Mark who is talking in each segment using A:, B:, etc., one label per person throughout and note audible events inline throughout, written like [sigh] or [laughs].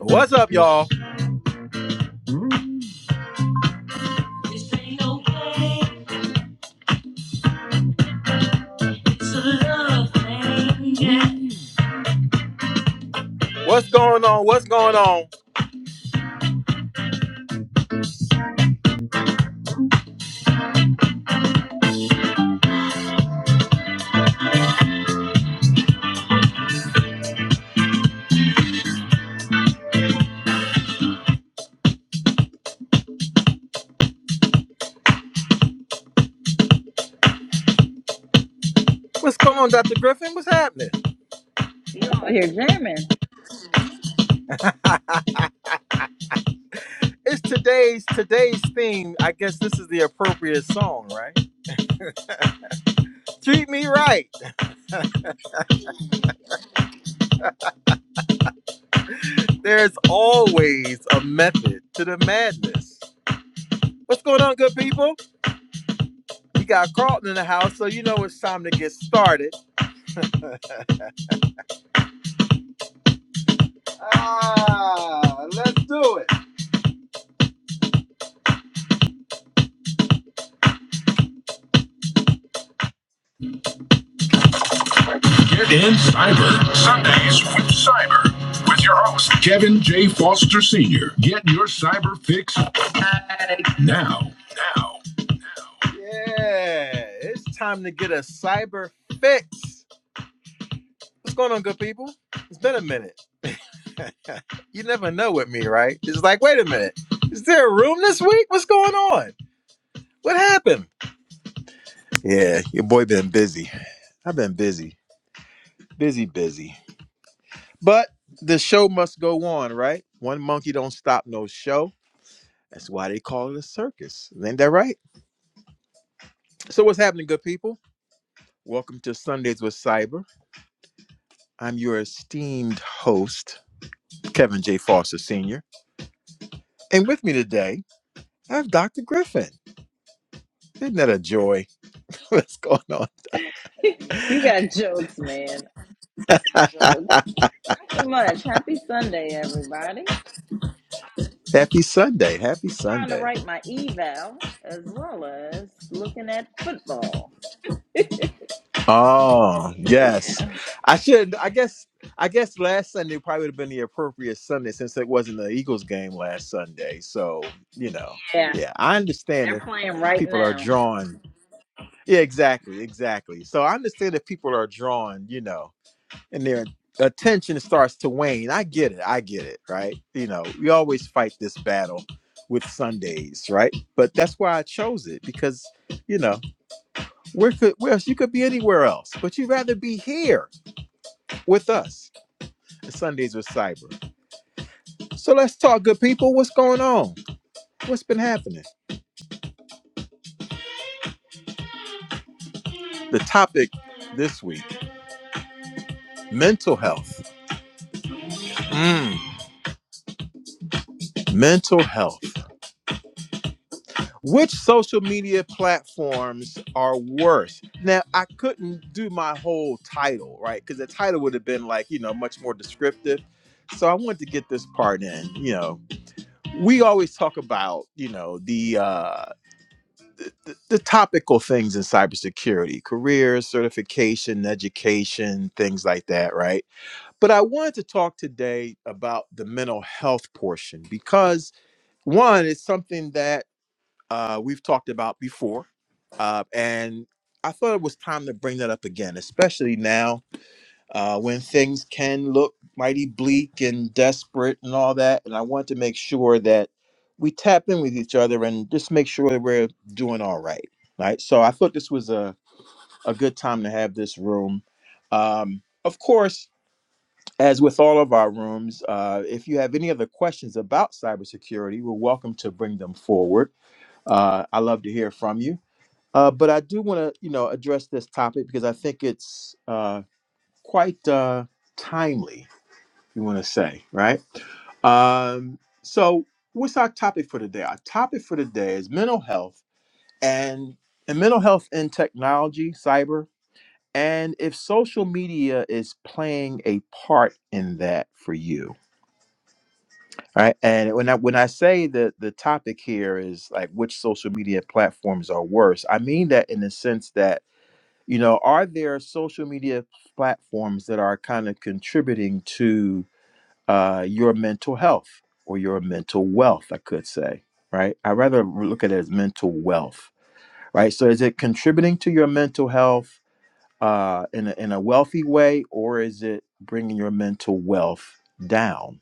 A: What's up, y'all? What's going on? What's going on? What's going on, Dr. Griffin? What's happening?
B: You over here jamming.
A: It's today's today's theme. I guess this is the appropriate song, right? Treat me right. There's always a method to the madness. What's going on, good people? We got Carlton in the house, so you know it's time to get started. Ah, let's do it. Get in Cyber. Sundays with Cyber. With your host, Kevin J. Foster Sr. Get your cyber fix now. Now. Yeah, it's time to get a cyber fix. What's going on, good people? It's been a minute. [laughs] you never know with me, right? It's like, wait a minute. Is there a room this week? What's going on? What happened? Yeah, your boy been busy. I've been busy. Busy, busy. But the show must go on, right? One monkey don't stop no show. That's why they call it a circus. ain't that right? So, what's happening, good people? Welcome to Sundays with Cyber. I'm your esteemed host, Kevin J. Foster Sr. And with me today, I have Dr. Griffin. Isn't that a joy? [laughs] What's going on?
B: [laughs] you got jokes, man. Jokes. Nothing much. Happy Sunday, everybody.
A: Happy Sunday. Happy
B: Trying to
A: Sunday.
B: write my eval as well as looking at football.
A: Oh, yes. I should I guess I guess last Sunday probably would have been the appropriate Sunday since it wasn't the Eagles game last Sunday. So, you know,
B: Yeah,
A: yeah, I understand
B: they're
A: that
B: playing right
A: people are
B: now.
A: drawn. Yeah, exactly, exactly. So I understand if people are drawn, you know, and their attention starts to wane. I get it. I get it, right? You know, we always fight this battle with Sundays, right? But that's why I chose it because, you know, where could where else you could be anywhere else, but you'd rather be here with us. And Sundays with cyber. So let's talk, good people. What's going on? What's been happening? The topic this week, mental health. Mm, mental health. Which social media platforms are worse? Now, I couldn't do my whole title, right? Because the title would have been like, you know, much more descriptive. So I wanted to get this part in. You know, we always talk about, you know, the uh, the topical things in cybersecurity, careers, certification, education, things like that, right? But I wanted to talk today about the mental health portion because one, it's something that uh, we've talked about before. Uh, and I thought it was time to bring that up again, especially now uh, when things can look mighty bleak and desperate and all that. And I want to make sure that we tap in with each other and just make sure that we're doing all right. Right. So I thought this was a, a good time to have this room. Um, of course, as with all of our rooms, uh, if you have any other questions about cybersecurity, we're welcome to bring them forward. Uh, I love to hear from you. Uh, but I do want to, you know, address this topic because I think it's uh, quite uh, timely. You want to say, right? Um, so, what's our topic for today? Our topic for today is mental health and and mental health in technology, cyber, and if social media is playing a part in that for you. right? and when I when I say that the topic here is like which social media platforms are worse, I mean that in the sense that you know are there social media platforms that are kind of contributing to uh, your mental health or your mental wealth i could say right i rather look at it as mental wealth right so is it contributing to your mental health uh, in, a, in a wealthy way or is it bringing your mental wealth down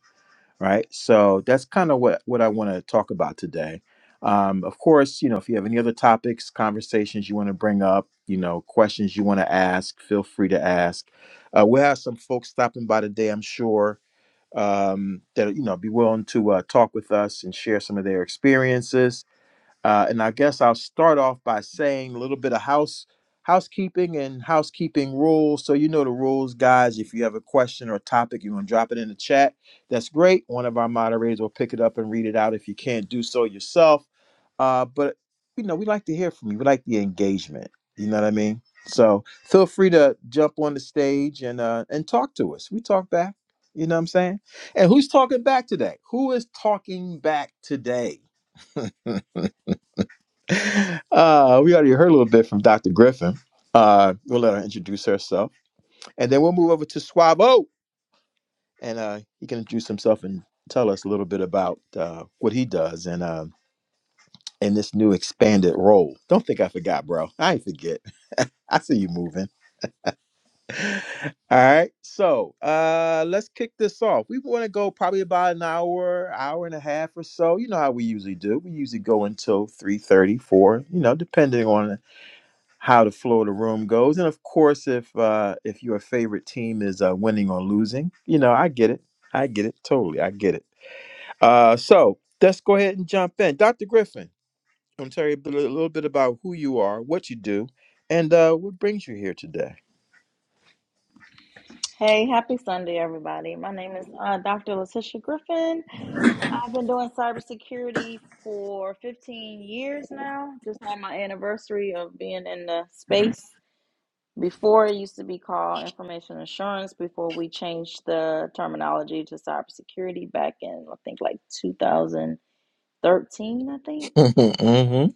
A: right? So that's kind of what what I want to talk about today. Um, of course, you know, if you have any other topics, conversations you want to bring up, you know, questions you want to ask, feel free to ask. Uh, we'll have some folks stopping by today, I'm sure, um, that you know be willing to uh, talk with us and share some of their experiences uh, and I guess I'll start off by saying a little bit of house housekeeping and housekeeping rules. So you know the rules, guys. If you have a question or a topic, you want to drop it in the chat. That's great. One of our moderators will pick it up and read it out if you can't do so yourself. Uh, but you know, we like to hear from you. We like the engagement. You know what I mean? So feel free to jump on the stage and uh, and talk to us. We talk back. You know what I'm saying? And who's talking back today? Who is talking back today? Uh, we already heard a little bit from Dr. Griffin. Uh, we'll let her introduce herself. And then we'll move over to Swabo. And uh, he can introduce himself and tell us a little bit about uh, what he does and uh, in this new expanded role. Don't think I forgot, bro. I ain't forget. I see you moving. All right. So uh, let's kick this off. We want to go probably about an hour, hour and a half or so. You know how we usually do. We usually go until 3 thirty, 4, you know, depending on how the flow of the room goes, and of course, if uh, if your favorite team is uh, winning or losing, you know, I get it. I get it totally. I get it. Uh, so let's go ahead and jump in, Dr. Griffin. I'm going to tell you a bit- a little bit about who you are, what you do, and uh, what brings you here today.
B: Hey, happy Sunday, everybody. My name is uh, Dr. Letitia Griffin. I've been doing cybersecurity for 15 years now. Just had my anniversary of being in the space. Before it used to be called information assurance before we changed the terminology to cybersecurity back in I think like 2013, I think.
A: [laughs] hmm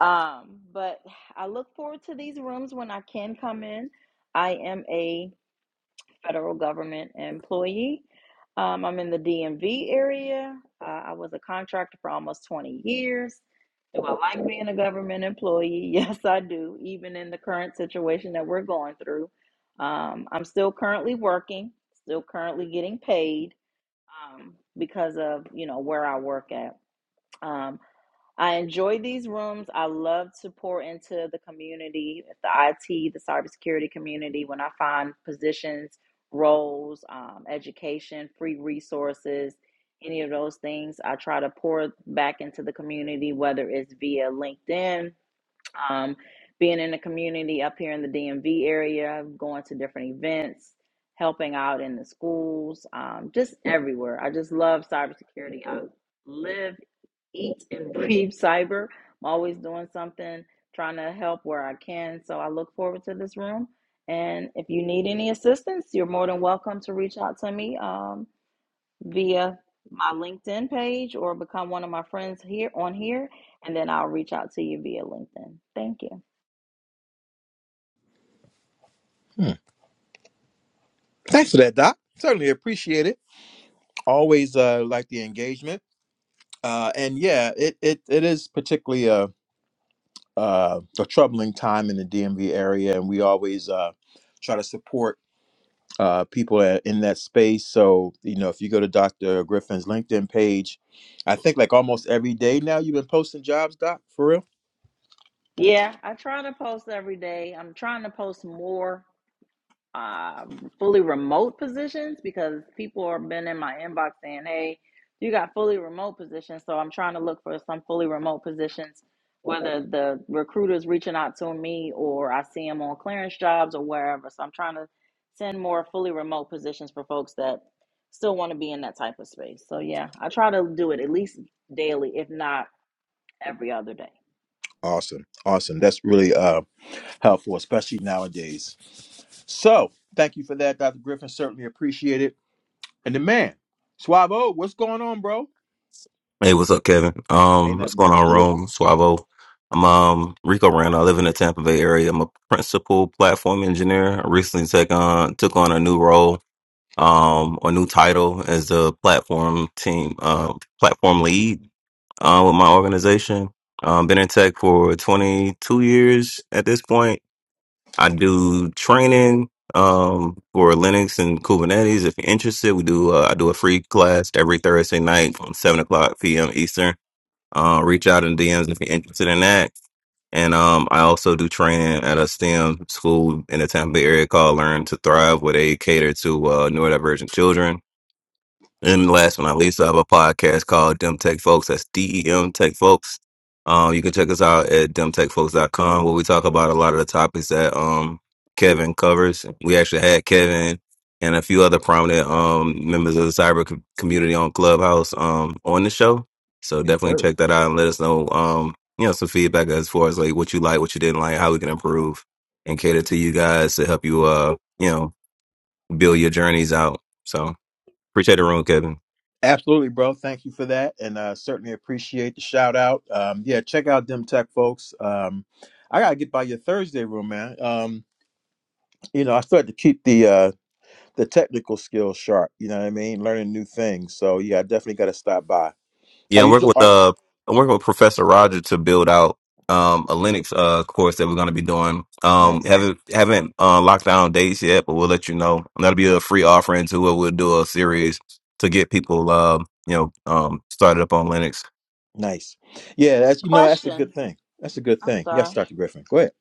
B: Um, but I look forward to these rooms when I can come in. I am a federal government employee. Um, I'm in the DMV area. Uh, I was a contractor for almost 20 years. Do I like being a government employee? [laughs] Yes, I do, even in the current situation that we're going through. Um, I'm still currently working, still currently getting paid um, because of, you know, where I work at. Um, I enjoy these rooms. I love to pour into the community, the IT, the cybersecurity community, when I find positions, roles, um, education, free resources, any of those things. I try to pour back into the community, whether it's via LinkedIn, um, being in the community up here in the DMV area, going to different events, helping out in the schools, um, just everywhere. I just love cybersecurity. I live eat and breathe cyber. I'm always doing something, trying to help where I can. So I look forward to this room. And if you need any assistance, you're more than welcome to reach out to me um, via my LinkedIn page or become one of my friends here on here, and then I'll reach out to you via LinkedIn. Thank you.
A: Hmm. Thanks for that, Doc. Certainly appreciate it. always uh, like the engagement. Uh, and yeah, it, it, it is particularly a, a, a troubling time in the DMV area, and we always uh, try to support uh, people a- in that space. So, you know, if you go to Dr. Griffin's LinkedIn page, I think like almost every day now you've been posting jobs, Doc, for real?
B: Yeah, I try to post every day. I'm trying to post more um, fully remote positions because people have been in my inbox saying, "Hey, you got fully remote positions." So I'm trying to look for some fully remote positions, whether the recruiter's reaching out to me or I see them on clearance jobs or wherever. So I'm trying to send more fully remote positions for folks that still want to be in that type of space. So yeah, I try to do it at least daily, if not every other day.
A: Awesome. Awesome. That's really uh, helpful, especially nowadays. So thank you for that, Dr. Griffin. Certainly appreciate it. And the man, Swavo, what's going on, bro?
C: Hey, what's up, Kevin?
A: Ain't
C: Um, what's
A: nothing
C: going
A: much
C: on,
A: to it.
C: Rome? Suavo. I'm um Rico Rand. I live in the Tampa Bay area. I'm a principal platform engineer. I recently took on took on a new role, um, a new title as the platform team, uh, platform lead, uh, with my organization. Um, been in tech for 22 years at this point. I do training, um, for Linux and Kubernetes. If you're interested, we do, uh, I do a free class every Thursday night from 7 o'clock p.m. Eastern uh, reach out in DMs if you're interested in that. And um, I also do training at a STEM school in the Tampa Bay area called Learn to Thrive, where they cater to uh, neurodivergent children. And last but not least, I have a podcast called Dem Tech Folks. That's D E M Tech Folks. Um, you can check us out at dem tech folks dot com. where we talk about a lot of the topics that um Kevin covers. We actually had Kevin and a few other prominent um members of the cyber co- community on Clubhouse um on the show. So
A: Yes,
C: definitely
A: sir.
C: check that out and let us know um you know some feedback as far as like what you like, what you didn't like, how we can improve and cater to you guys to help you uh you know build your journeys out. So appreciate the room, Kevin.
A: Absolutely, bro. Thank you for that, and uh, certainly appreciate the shout out. Um, yeah, check out them tech folks. Um, I gotta get by your Thursday room, man. Um, you know, I started to keep the uh, the technical skills sharp. You know what I mean? Learning new things. So yeah, I definitely got to stop by. Are
C: Yeah, I'm
A: you?
C: working
A: do-
C: with
A: Are,
C: uh, I'm working with Professor Roger to build out um a Linux uh course that we're gonna be doing. Um,
A: nice,
C: haven't haven't uh, locked down dates yet, but we'll let you know. And that'll be a free offering to where we'll do a series to get people um you know um started up on Linux.
A: nice. Yeah, that's you know that's a good
B: Question.
A: thing. That's a good
B: I'm
A: thing. Yes,
B: sorry.
A: Doctor Griffin. Go ahead.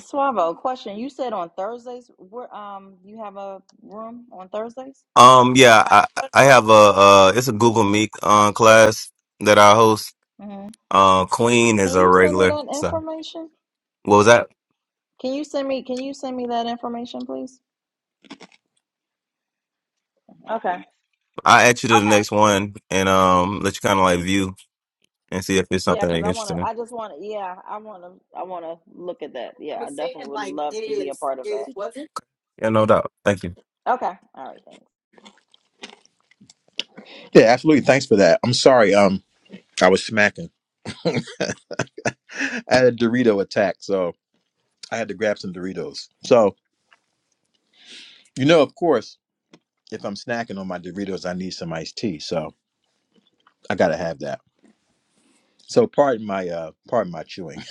B: Suavo, question. You said on Thursdays, where um you have a room on Thursdays?
C: Um, yeah, I I have a uh it's a Google Meet uh, class that I host.
B: hmm
C: Uh, Queen
B: Can
C: is a
B: you send me
C: regular.
B: that
C: So
B: information?
C: what was that?
B: Can you send me can you send me that information, please? Okay.
C: I will add you to the next one and um let you kind of like view and see if it's
B: Yeah,
C: something that
B: because
C: you're
B: I wanna
C: interested in.
B: I just wanna yeah, I wanna I wanna look at that. Yeah, I definitely would love to be a part of that.
C: Yeah, no doubt. Thank you.
B: Okay. All right, thanks.
A: Yeah, absolutely. Thanks for that. I'm sorry. Um, I was smacking. [laughs] I had a Dorito attack, so I had to grab some Doritos. So you know, of course. if I'm snacking on my Doritos, I need some iced tea. So I gotta have that. So pardon my uh pardon my chewing.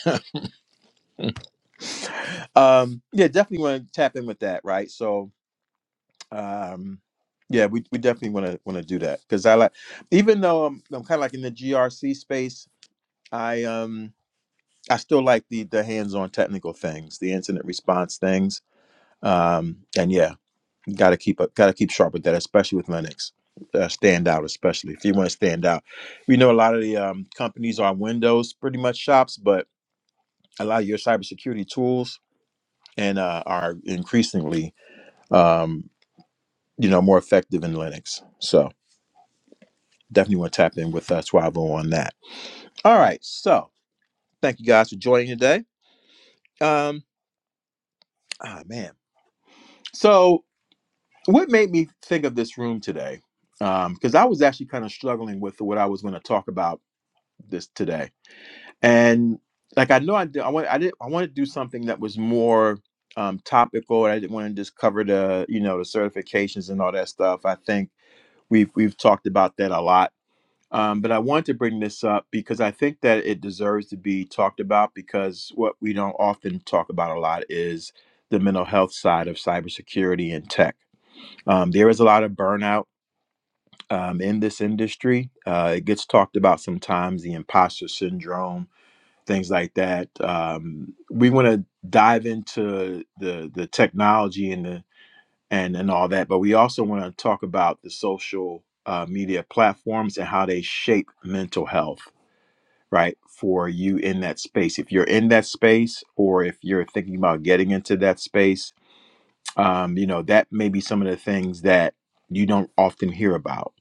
A: [laughs] um yeah, definitely wanna tap in with that, right? So um yeah, we, we definitely wanna wanna do that. Cause I like even though I'm I'm kinda like in the GRC space, I um I still like the the hands-on technical things, the incident response things. Um and yeah. Got to keep up. Got to keep sharp with that, especially with Linux. Uh, stand out, especially if you want to stand out. We know a lot of the um, companies are Windows pretty much shops, but a lot of your cybersecurity tools and uh, are increasingly, um, you know, more effective in Linux. So definitely want to tap in with uh, Swavo on that. All right. So thank you guys for joining today. Um, ah, man. So what made me think of this room today? Because I was actually kind of struggling with what I was going to talk about this today and like I know I did, I want I did I want to do something that was more um, topical. and I didn't want to just cover the you know the certifications and all that stuff. I think we've we've talked about that a lot, um, but I wanted to bring this up because I think that it deserves to be talked about because what we don't often talk about a lot is the mental health side of cybersecurity and tech. Um, there is a lot of burnout. Um, in this industry, uh, it gets talked about sometimes the imposter syndrome, things like that. Um, we want to dive into the the technology and the and and all that, but we also want to talk about the social uh, media platforms and how they shape mental health, right? For you in that space, if you're in that space, or if you're thinking about getting into that space, um, you know that may be some of the things that you don't often hear about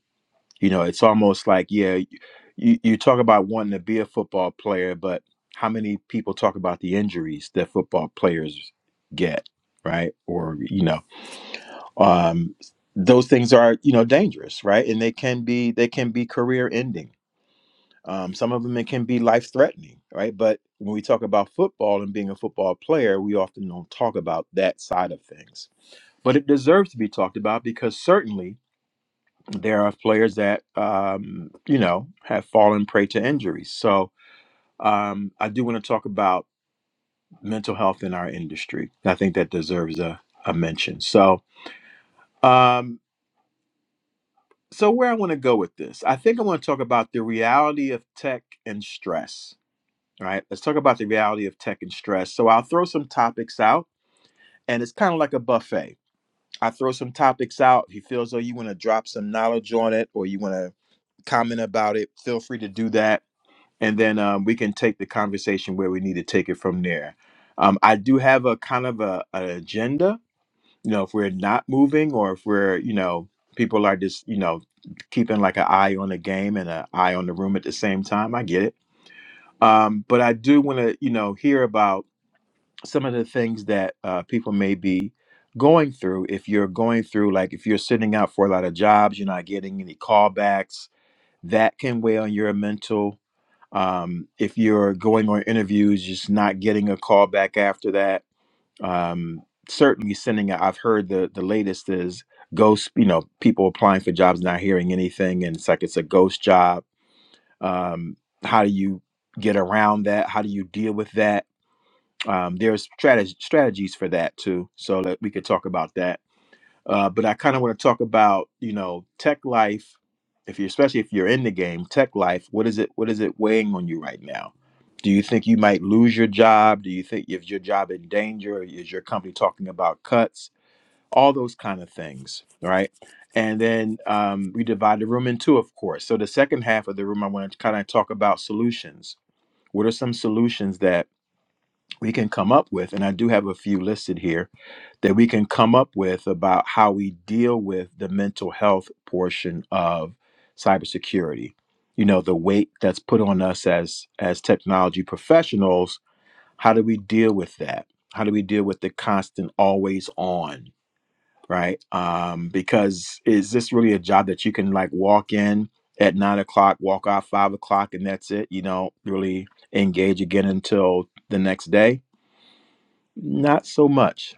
A: you know, it's almost like, yeah, you, you talk about wanting to be a football player, but how many people talk about the injuries that football players get, right? Or, you know, um, those things are, you know, dangerous, right? And they can be they can be career ending. Um, some of them it can be life threatening, right? But when we talk about football and being a football player, we often don't talk about that side of things. But it deserves to be talked about because certainly there are players that um, you know have fallen prey to injuries. So um, I do want to talk about mental health in our industry. I think that deserves a, a mention. So um, so where I want to go with this, I think I want to talk about the reality of tech and stress. All right, let's talk about the reality of tech and stress. So I'll throw some topics out, and it's kind of like a buffet. I throw some topics out. If you feel as though you want to drop some knowledge on it, or you want to comment about it, feel free to do that and then um, we can take the conversation where we need to take it from there. Um, I do have a kind of a, an agenda, you know, if we're not moving or if we're, you know, people are just, you know, keeping like an eye on the game and an eye on the room at the same time. I get it. Um, but I do want to, you know, hear about some of the things that uh, people may be going through. If you're going through, like if you're sitting out for a lot of jobs, you're not getting any callbacks, that can weigh on your mental um, if you're going on interviews, just not getting a call back after that. Um, certainly sending. out, I've heard the the latest is ghost. You know, people applying for jobs not hearing anything, and it's like it's a ghost job. Um, how do you get around that? How do you deal with that? Um, there's strategy, strategies for that too, so that we could talk about that uh, but I kind of want to talk about, you know, tech life. If you, especially if you're in the game, tech life. What is it? What is it weighing on you right now? Do you think you might lose your job? Do you think is your job in danger? Is your company talking about cuts? All those kind of things, right? And then um, we divide the room in two, of course. So the second half of the room, I want to kind of talk about solutions. What are some solutions that we can come up with, and I do have a few listed here that we can come up with about how we deal with the mental health portion of cybersecurity. You know, the weight that's put on us as as technology professionals, how do we deal with that? How do we deal with the constant always on, right? Um, because is this really a job that you can like walk in at nine o'clock, walk out five o'clock, and that's it? You don't really engage again until the next day not so much.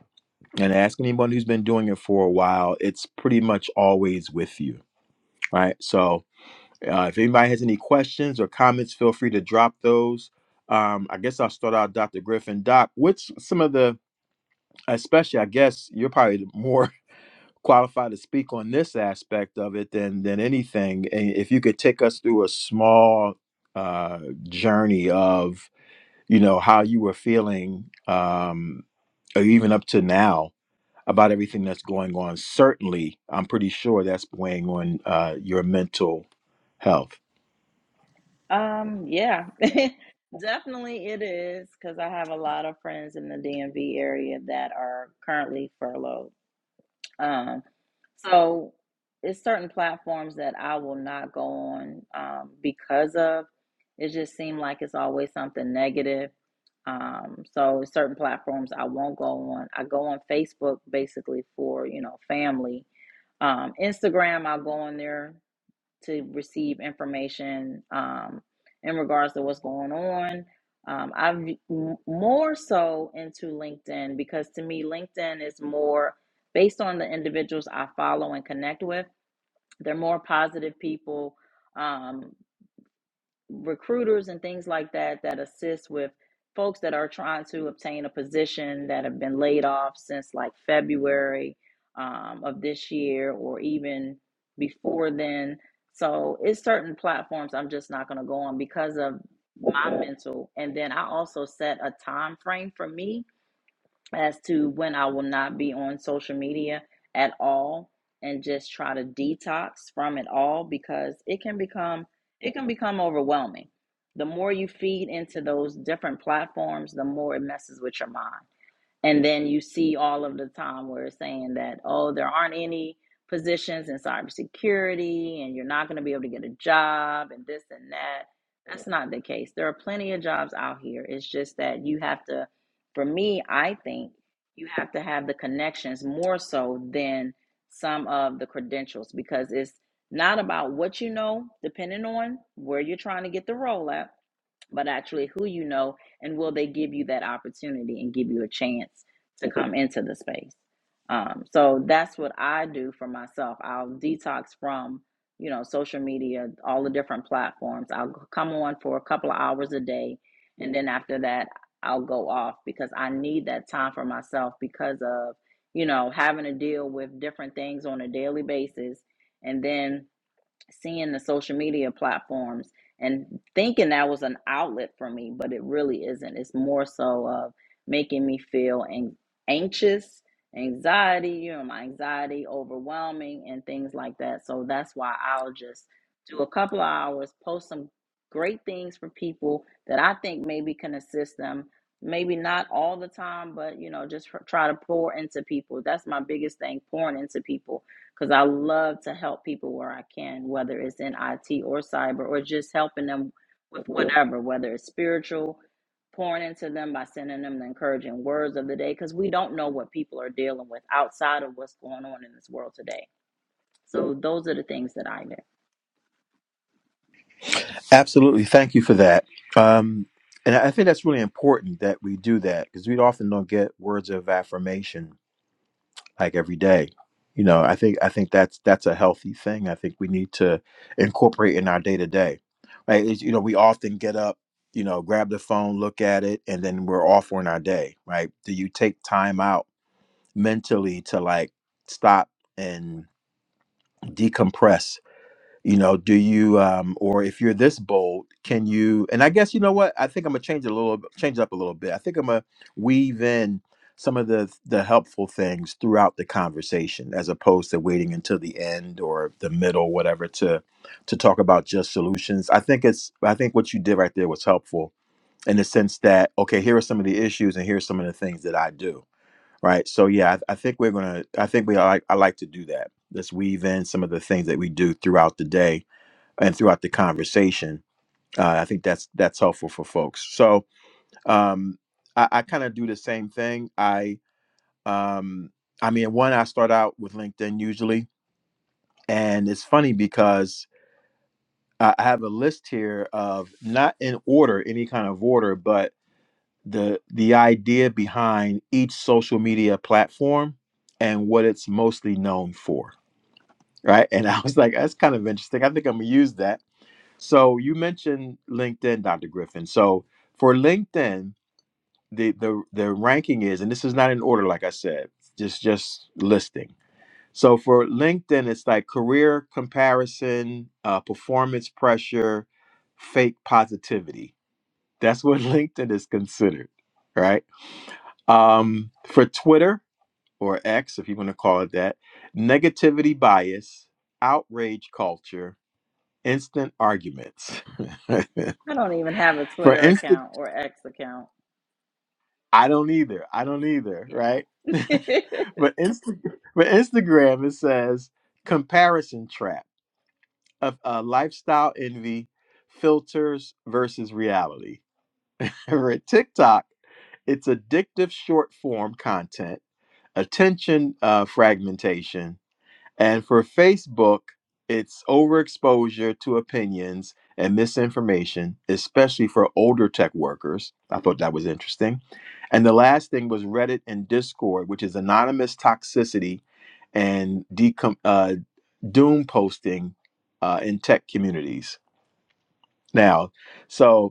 A: And ask anyone who's been doing it for a while, it's pretty much always with you, right? So uh, if anybody has any questions or comments, feel free to drop those. Um, I guess I'll start out, Dr. Griffin. Doc, what's some of the, especially, I guess you're probably more [laughs] qualified to speak on this aspect of it than than anything. And if you could take us through a small uh, journey of, you know, how you were feeling um, or even up to now about everything that's going on. Certainly, I'm pretty sure that's weighing on uh, your mental health.
B: Um, yeah. [laughs] Definitely it is because I have a lot of friends in the DMV area that are currently furloughed. Um, so it's certain platforms that I will not go on um, because of it just seemed like it's always something negative. Um, so certain platforms I won't go on. I go on Facebook basically for, you know, family. Um, Instagram, I'll go on there to receive information um, in regards to what's going on. Um, I've m- more so into LinkedIn because to me, LinkedIn is more based on the individuals I follow and connect with. They're more positive people. Um, recruiters and things like that that assist with folks that are trying to obtain a position that have been laid off since like February um, of this year or even before then. So it's certain platforms I'm just not going to go on because of my mental. And then I also set a time frame for me as to when I will not be on social media at all and just try to detox from it all because it can become it can become overwhelming. The more you feed into those different platforms, the more it messes with your mind. And then you see all of the time where it's saying that, oh, there aren't any positions in cybersecurity and you're not going to be able to get a job and this and that. That's not the case. There are plenty of jobs out here. It's just that you have to, for me, I think you have to have the connections more so than some of the credentials because it's not about what you know, depending on where you're trying to get the role at but actually who you know and will they give you that opportunity and give you a chance to come into the space um, so that's what i do for myself i'll detox from you know social media all the different platforms i'll come on for a couple of hours a day and then after that i'll go off because i need that time for myself because of you know having to deal with different things on a daily basis and then seeing the social media platforms and thinking that was an outlet for me, but it really isn't. It's more so of making me feel an- anxious, anxiety, you know, my anxiety overwhelming and things like that. So that's why I'll just do a couple of hours, post some great things for people that I think maybe can assist them. Maybe not all the time, but you know, just tr- try to pour into people. That's my biggest thing, pouring into people because I love to help people where I can, whether it's in IT or cyber, or just helping them with whatever, whether it's spiritual, pouring into them by sending them the encouraging words of the day, because we don't know what people are dealing with outside of what's going on in this world today. So those are the things that I do.
A: Absolutely. Thank you for that. Um, and I think that's really important that we do that because we often don't get words of affirmation like every day. You know, I think I think that's that's a healthy thing. I think we need to incorporate in our day to day. Right? It's- You know, we often get up, you know, grab the phone, look at it, and then we're off on our day. Right? Do you take time out? mentally to like stop and decompress you know do you um or if you're this bold can you and i guess you know what i think i'm gonna change it a little change it up a little bit i think i'm gonna weave in some of the the helpful things throughout the conversation as opposed to waiting until the end or the middle whatever to to talk about just solutions i think it's i think what you did right there was helpful in the sense that okay here are some of the issues and here's some of the things that i do right? So yeah, I, I think we're gonna. I think we like. I like to do that. Let's weave in some of the things that we do throughout the day and throughout the conversation. Uh, I think that's that's helpful for folks. So um, I, I kind of do the same thing. I um, I mean, one I start out with LinkedIn usually, and it's funny because I I have a list here of not in order, any kind of order, but the the idea behind each social media platform and what it's mostly known for right and [laughs] i was like that's kind of interesting i think i'm gonna use that so you mentioned linkedin dr griffin so for linkedin the the, the ranking is and this is not in order like i said just just listing so for linkedin it's like career comparison uh, performance pressure fake positivity that's what [laughs] linkedin is considered right um, for Twitter or X, if you want to call it that, negativity bias, outrage culture, instant arguments. [laughs] for
B: I don't even have a Twitter
A: Insta,
B: account or X account.
A: I don't either. I don't either.
B: Yeah.
A: Right. [laughs] but
B: [laughs]
A: Insta, but Instagram, it says comparison trap of uh, lifestyle envy, filters versus reality. [laughs] For TikTok, it's addictive short form content, attention uh, fragmentation And for Facebook, it's overexposure to opinions and misinformation, especially for older tech workers. I thought that was interesting. And the last thing was Reddit and Discord, which is anonymous toxicity and decom- uh, doom posting uh, in tech communities. Now, so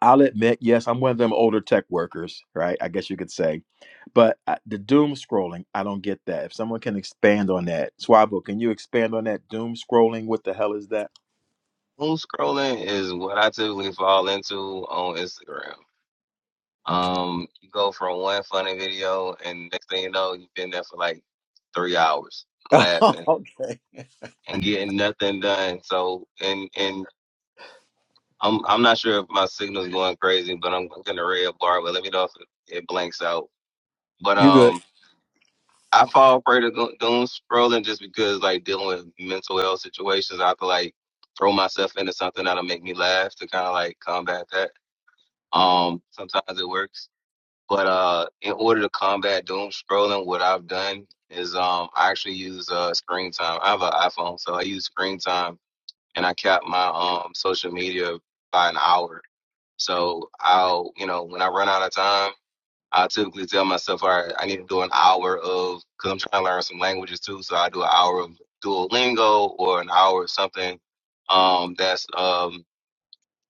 A: I'll admit, yes, I'm one of them older tech workers, right? I guess you could say. But I, the doom scrolling, I don't get that. If someone can expand on that, Swabo, can you expand on that doom scrolling? What the hell is that?
C: Doom scrolling is what I typically fall into on Instagram. Um, you go from one funny video, and next thing you know, you've been there for like three hours
A: [laughs]
C: laughing
A: okay.
C: and getting nothing done. So, and and I'm I'm not sure if my signal's going crazy, but I'm looking at the red bar. But let me know if it, it blanks out. But
A: You good?
C: um, I fall prey to go- doom scrolling just because like dealing with mental health situations. I feel like throw myself into something that'll make me laugh to kind of like combat that Um, sometimes it works, but uh, in order to combat doom scrolling, what I've done is um, I actually use uh, screen time. I have an iPhone, so I use screen time, and I cap my um social media by an hour. So I'll, you know, when I run out of time, I typically tell myself, all right, I need to do an hour of because I'm trying to learn some languages too. So I do an hour of Duolingo or an hour of something um that's um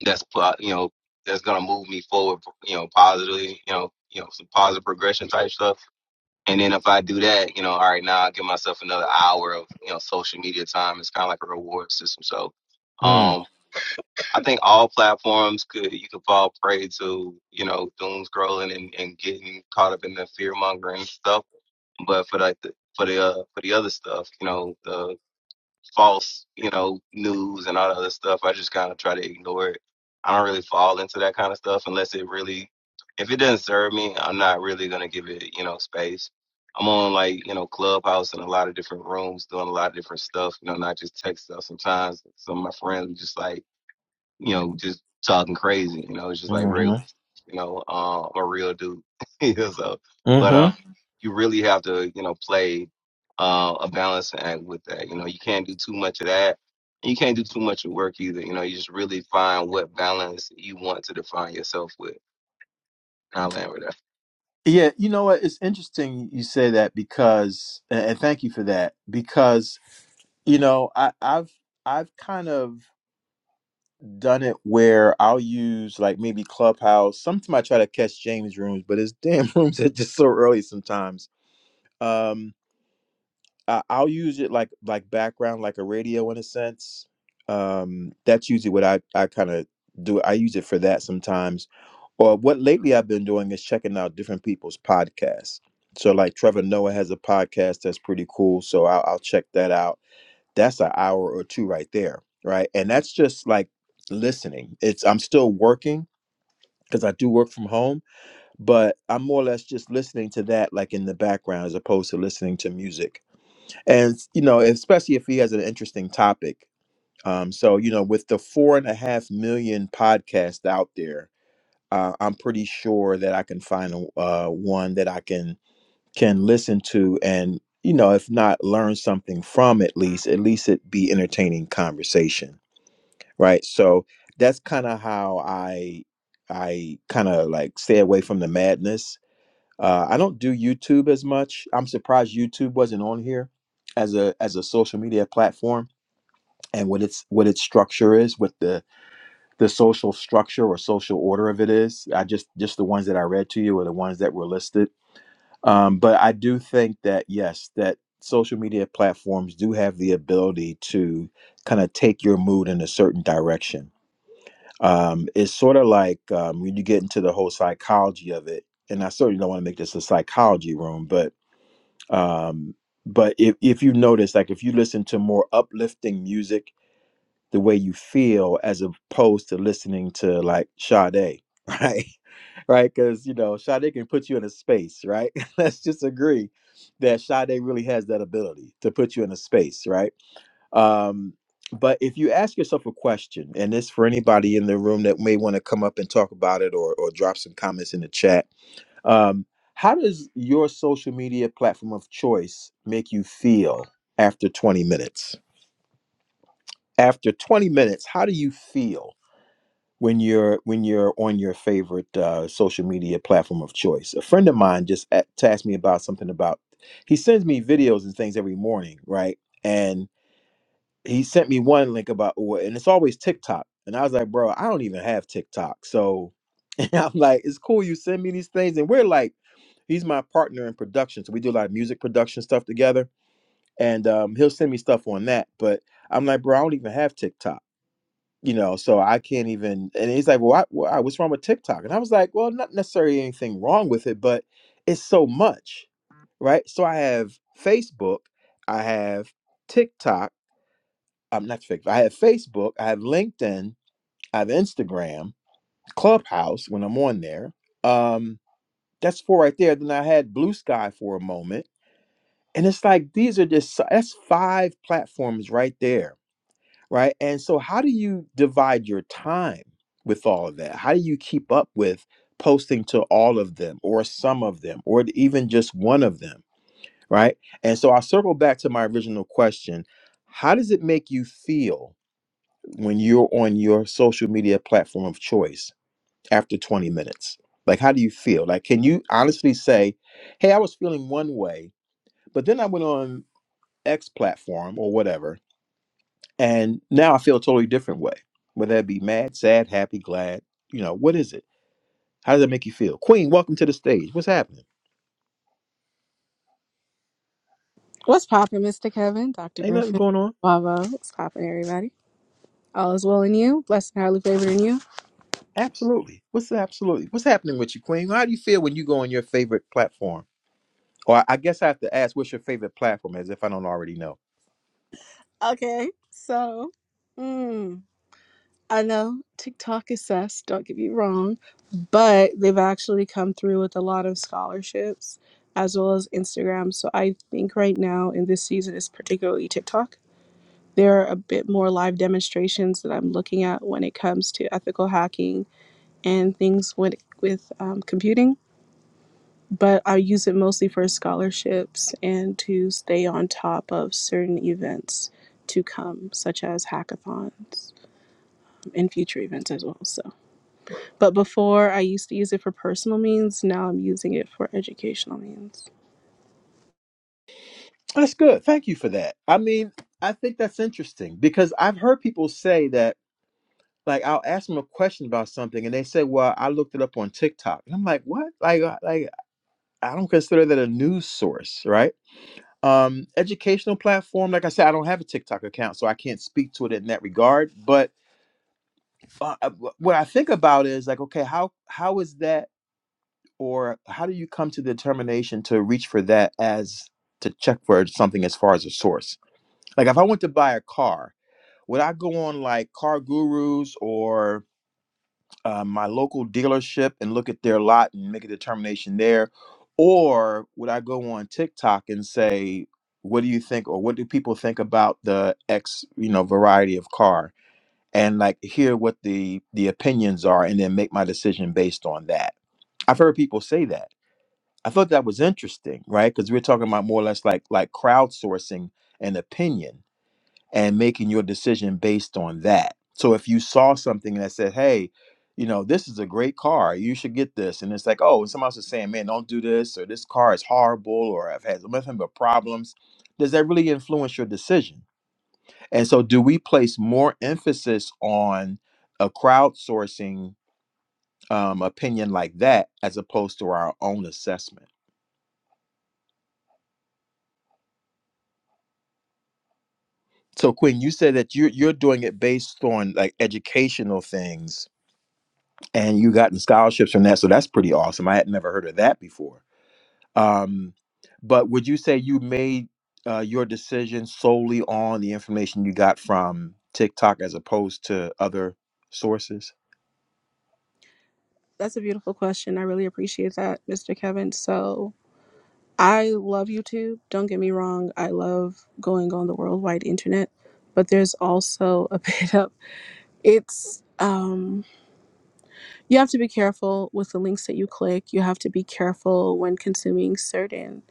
C: that's po- you know that's gonna move me forward, you know, positively, you know, you know, some positive progression type stuff. And then if I do that, you know, all right, now I give myself another hour of you know social media time. It's kind of like a reward system. So,
A: Mm.
C: um, I think all platforms could you could fall prey to you know doom scrolling and, and getting caught up in the fear mongering stuff. But for like the for the uh, for the other stuff, you know, the false, you know, news and all that other stuff. I just kind of try to ignore it. I don't really fall into that kind of stuff unless it really, if it doesn't serve me, I'm not really gonna give it, you know, space. I'm on like, you know, Clubhouse and a lot of different rooms doing a lot of different stuff, you know, not just tech stuff. Sometimes some of my friends are just like, you know, just talking crazy. You know, it's just like regular,
A: Mm-hmm.
C: you know, uh, I'm a real dude. [laughs] you know, so, but uh,
A: Mm-hmm.
C: you really have to, you know, play uh, a balance act with that. You know, you can't do too much of that. and You can't do too much of work either. You know, you just really find what balance you want to define yourself with. And I land with that.
A: Yeah, you know what? It's interesting you say that because, and and thank you for that, because, you know, I, I've, I've kind of done it where I'll use like maybe Clubhouse. Sometimes I try to catch James rooms, but his damn [laughs] rooms are just so early sometimes. Um, I, I'll use it like like background, like a radio in a sense. Um, that's usually what I I kind of do. I use it for that sometimes. Or what lately I've been doing is checking out different people's podcasts. So like Trevor Noah has a podcast that's pretty cool. So I'll, I'll check that out that's an hour or two right there right and that's just like listening it's i'm still working because i do work from home but i'm more or less just listening to that like in the background as opposed to listening to music and you know especially if he has an interesting topic um so you know with the four and a half million podcasts out there uh, i'm pretty sure that i can find a, uh, one that i can can listen to and you know if not learn something from at least at least it be entertaining conversation right so that's kind of how i i kind of like stay away from the madness uh, i don't do youtube as much i'm surprised youtube wasn't on here as a as a social media platform and what its what its structure is what the the social structure or social order of it is i just just the ones that i read to you are the ones that were listed um, but i do think that yes that social media platforms do have the ability to kind of take your mood in a certain direction um, it's sort of like um, when you get into the whole psychology of it, and I certainly don't want to make this a psychology room, but um, but if if you notice, like if you listen to more uplifting music, the way you feel as opposed to listening to like Sade, [laughs] right, right, because you know Sade can put you in a space, right. [laughs] Let's just agree that Sade really has that ability to put you in a space, right um, but if you ask yourself a question, and this for anybody in the room that may want to come up and talk about it or, or drop some comments in the chat, um, how does your social media platform of choice make you feel after 20 minutes? After 20 minutes, how do you feel when you're when you're on your favorite uh, social media platform of choice? A friend of mine just a- tasked me about something about he sends me videos and things every morning, right? And he sent me one link about Uwe, and it's always TikTok. And I was like, bro, I don't even have TikTok. So [laughs] and I'm like, it's cool you send me these things. And we're like, he's my partner in production. So we do a lot of music production stuff together. And um, he'll send me stuff on that. But I'm like, bro, I don't even have TikTok. You know, so I can't even. And he's like, well, why, why, what's wrong with TikTok? And I was like, well, not necessarily anything wrong with it, but it's so much, right? So I have Facebook, I have TikTok. I'm not Facebook. I have Facebook. I have LinkedIn. I have Instagram, Clubhouse when I'm on there. Um, that's four right there. Then I had Blue Sky for a moment, and it's like these are just si, that's five platforms right there, right? And so, how do you divide your time with all of that? How do you keep up with posting to all of them, or some of them, or even just one of them, right? And so, I'll circle back to my original question: How does it make you feel? when you're on your social media platform of choice after 20 minutes? Like, how do you feel? Like, can you honestly say, hey, I was feeling one way, but then I went on X platform or whatever, and now I feel a totally different way? Whether that be mad, sad, happy, glad, you know, what is it? How does that make you feel? Queen, welcome to the stage. What's happening?
D: What's poppin', Mr. Kevin, Dr.
A: Ain't nothing
D: Griffin,
A: going on.
D: Wavo? What's poppin', everybody? All is well in you, blessed and highly favored in you.
A: Absolutely. What's absolutely? What's happening with you, Queen? How do you feel when you go on your favorite platform? Or I I guess I have to ask, what's your favorite platform? As if I don't already know.
D: Okay, so, mm, I know TikTok is sus, don't get me wrong, but they've actually come through with a lot of scholarships as well as Instagram. So I think right now in this season is particularly TikTok. There are a bit more live demonstrations that I'm looking at when it comes to ethical hacking and things with, with um, computing but I use it mostly for scholarships and to stay on top of certain events to come, such as hackathons and future events as well. So, but before I used to use it for personal means, now I'm using it for educational means.
A: That's good. Thank you for that. I mean, I think that's interesting because I've heard people say that, like, I'll ask them a question about something and they say, well, I looked it up on TikTok. And I'm like, what? Like, I- like I don't consider that a news source, right? Um, educational platform. Like I said, I don't have a TikTok account, so I can't speak to it in that regard. But uh, uh, wh- what I think about is like, okay, how how is that, or how do you come to the determination to reach for that as to check for something as far as a source? Like, if I want to buy a car, would I go on like Car Gurus or uh, my local dealership and look at their lot and make a determination there, or would I go on TikTok and say, "What do you think?" or "What do people think about the X, you know, variety of car?" and like hear what the the opinions are, and then make my decision based on that. I've heard people say that. I thought that was interesting, right? Because we're talking about more or less like like crowdsourcing an opinion and making your decision based on that. So if you saw something that said, hey, you know, this is a great car, you should get this. And it's like, oh, and somebody else is saying, man, don't do this, or this car is horrible, or I've had nothing but problems. Does that really influence your decision? And so do we place more emphasis on a crowdsourcing um, opinion like that as opposed to our own assessment? So Quinn, you said that you're you're doing it based on like educational things and you got the scholarships from that. So that's pretty awesome. I had never heard of that before. Um, but would you say you made uh, your decision solely on the information you got from TikTok as opposed to other sources?
D: That's a beautiful question. I really appreciate that, Mr. Kevin. So, I love YouTube. Don't get me wrong. I love going on the worldwide internet, but there's also a [laughs] bit of it's um you have to be careful with the links that you click. You have to be careful when consuming certain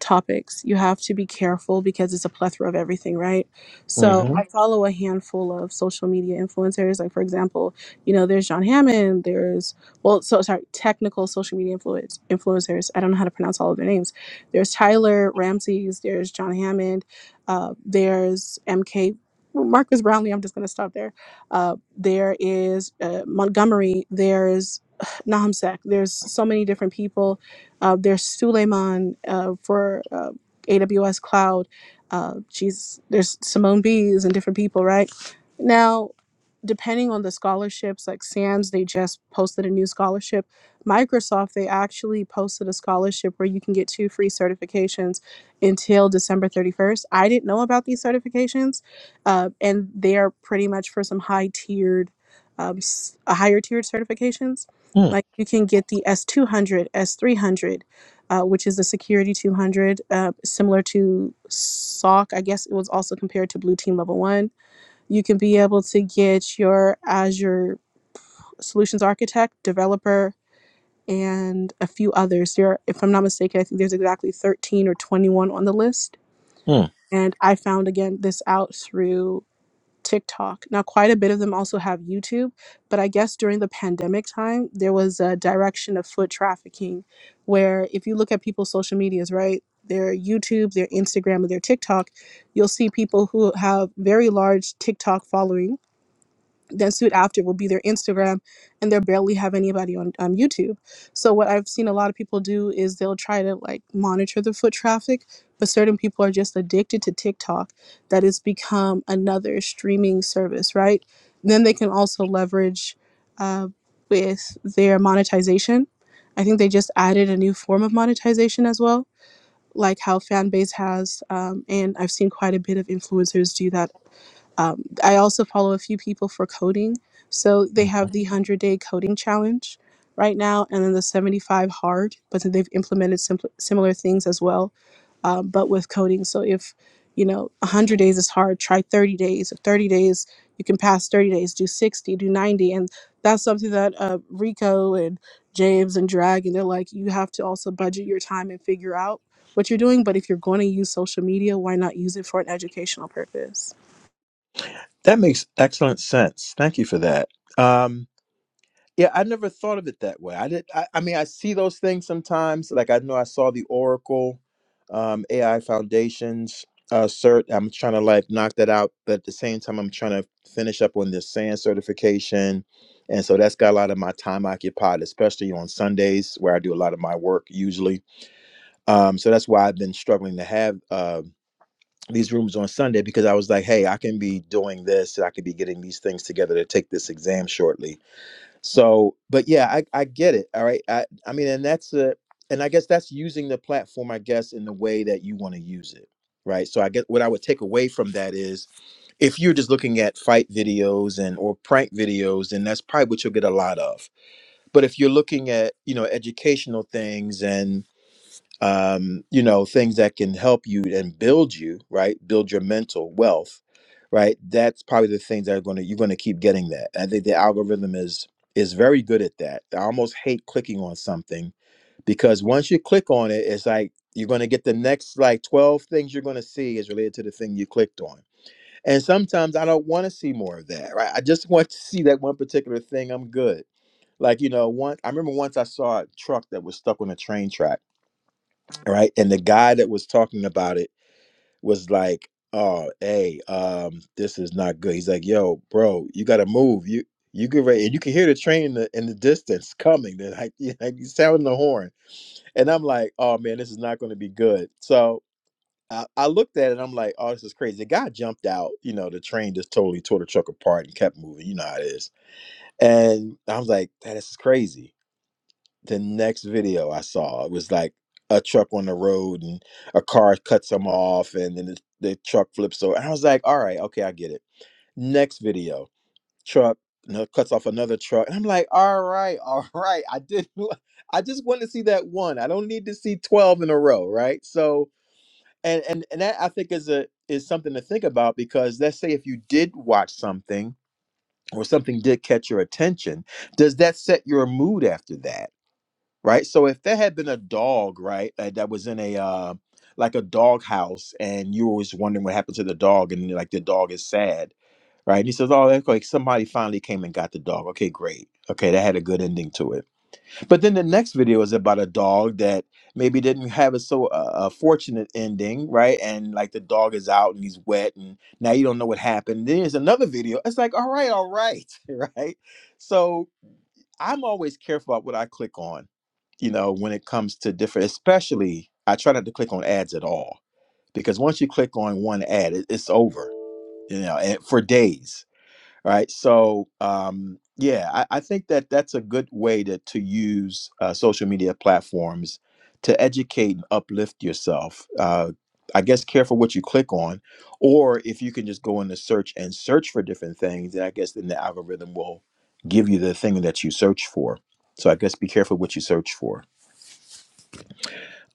D: topics. You have to be careful because it's a plethora of everything, right? So I follow a handful of social media influencers. Like for example, you know, there's John Hammond. There's well, so sorry, technical social media influence influencers. I don't know how to pronounce all of their names. There's Tyler Ramses. There's John Hammond. Uh, there's MK. Marcus Brownlee, I'm just going to stop there. Uh, there is uh, Montgomery, there's [sighs] Nahum Sack, there's so many different people uh, there's Suleiman uh, for uh, AWS Cloud. Uh, she's there's Simone Bees and different people, right? Now depending on the scholarships, like SANS, they just posted a new scholarship. Microsoft, they actually posted a scholarship where you can get two free certifications until December 31st. I didn't know about these certifications, uh, and they are pretty much for some high tiered, um, s- higher tiered certifications.
A: Hmm.
D: Like you can get the s two hundred, S S300, uh, which is the Security 200, uh, similar to SOC. I guess it was also compared to Blue Team Level 1 you can be able to get your Azure Solutions Architect, Developer, and a few others. There, if I'm not mistaken, I think there's exactly 13 or 21 on the list.
A: hmm.
D: And I found again this out through TikTok. Now, quite a bit of them also have YouTube, but I guess during the pandemic time, there was a direction of foot trafficking where if you look at people's social medias, right? Their YouTube, their Instagram, or their TikTok, you'll see people who have very large TikTok followings then soon after will be their Instagram, and they barely have anybody on um, YouTube. So what I've seen a lot of people do is they'll try to like monitor the foot traffic, but certain people are just addicted to TikTok, that has become another streaming service, right? Then they can also leverage uh, with their monetization. I think they just added a new form of monetization as well, like how Fanbase has, um, and I've seen quite a bit of influencers do that um, I also follow a few people for coding. So they have the 100 day coding challenge right now, and then the 75 hard, but then they've implemented simpl- similar things as well, um, but with coding. So if you know 100 days is hard, try 30 days. If 30 days, you can pass 30 days, do 60, do 90. And that's something that uh, Rico and James and Drag, and they're like, you have to also budget your time and figure out what you're doing. But if you're going to use social media, why not use it for an educational purpose?
A: That makes excellent sense. Thank you for that. Um, yeah, I never thought of it that way. I did. I, I mean, I see those things sometimes. Like I know I saw the Oracle um, AI Foundations uh, cert. I'm trying to like knock that out, but at the same time, I'm trying to finish up on this SAN certification, and so that's got a lot of my time occupied, especially on Sundays where I do a lot of my work usually. Um, so that's why I've been struggling to have. Uh, these rooms on Sunday because I was like, hey, I can be doing this. I could be getting these things together to take this exam shortly. So, but yeah, I, I get it. All right. I, I mean, and that's a, and I guess that's using the platform, I guess, in the way that you want to use it. Right. So I get what I would take away from that is if you're just looking at fight videos and or prank videos, then that's probably what you'll get a lot of. But if you're looking at, you know, educational things and um, you know, things that can help you and build you, right? Build your mental wealth, right? That's probably the things that are going to you're going to keep getting that. I think the algorithm is is very good at that. I almost hate clicking on something because once you click on it, it's like you're going to get the next like 12 things you're going to see is related to the thing you clicked on. And sometimes I don't want to see more of that, right? I just [laughs] want to see that one particular thing. I'm good. Like, you know, one I remember once I saw a truck that was stuck on a train track all right? And the guy that was talking about it was like, "Oh, hey, um, this is not good." He's like, "Yo, bro, you got to move. You you get ready, and you can hear the train in the, in the distance coming. They're like, [laughs] you like he's sounding the horn." And I'm like, "Oh man, this is not going to be good." So I, I looked at it. and I'm like, "Oh, this is crazy." The guy jumped out. You know, the train just totally tore the truck apart and kept moving. You know how it is. And I was like, "That is crazy." the next video I saw it was like a truck on the road and a car cuts them off and then the, the truck flips over. And I was like, all right, okay, I get it. Next video, truck no, cuts off another truck. And I'm like, all right, all right. I did [laughs] I just wanted to see that one. I don't need to see 12 in a row, right? So and and, and that I think is a is something to think about because let's say if you did watch something or something did catch your attention, does that set your mood after that? right? So if there had been a dog, right, uh, that was in a uh, like a dog house, and you were always wondering what happened to the dog, and like the dog is sad, right? And he says, "Oh, that's like somebody finally came and got the dog. Okay, great. Okay, that had a good ending to it." But then the next video is about a dog that maybe didn't have a so uh, a fortunate ending, right? And like the dog is out and he's wet, and now you don't know what happened. Then there's another video. It's like, all right, all right, [laughs] right? So I'm always careful about what I click on, you know, when it comes to different, especially I try not to click on ads at all because once you click on one ad, it, it's over, you know, and for days right so um yeah I, I think that that's a good way to to use uh, social media platforms to educate and uplift yourself uh I guess careful what you click on, or if you can just go into search and search for different things, then I guess then the algorithm will give you the thing that you search for. So I guess be careful what you search for.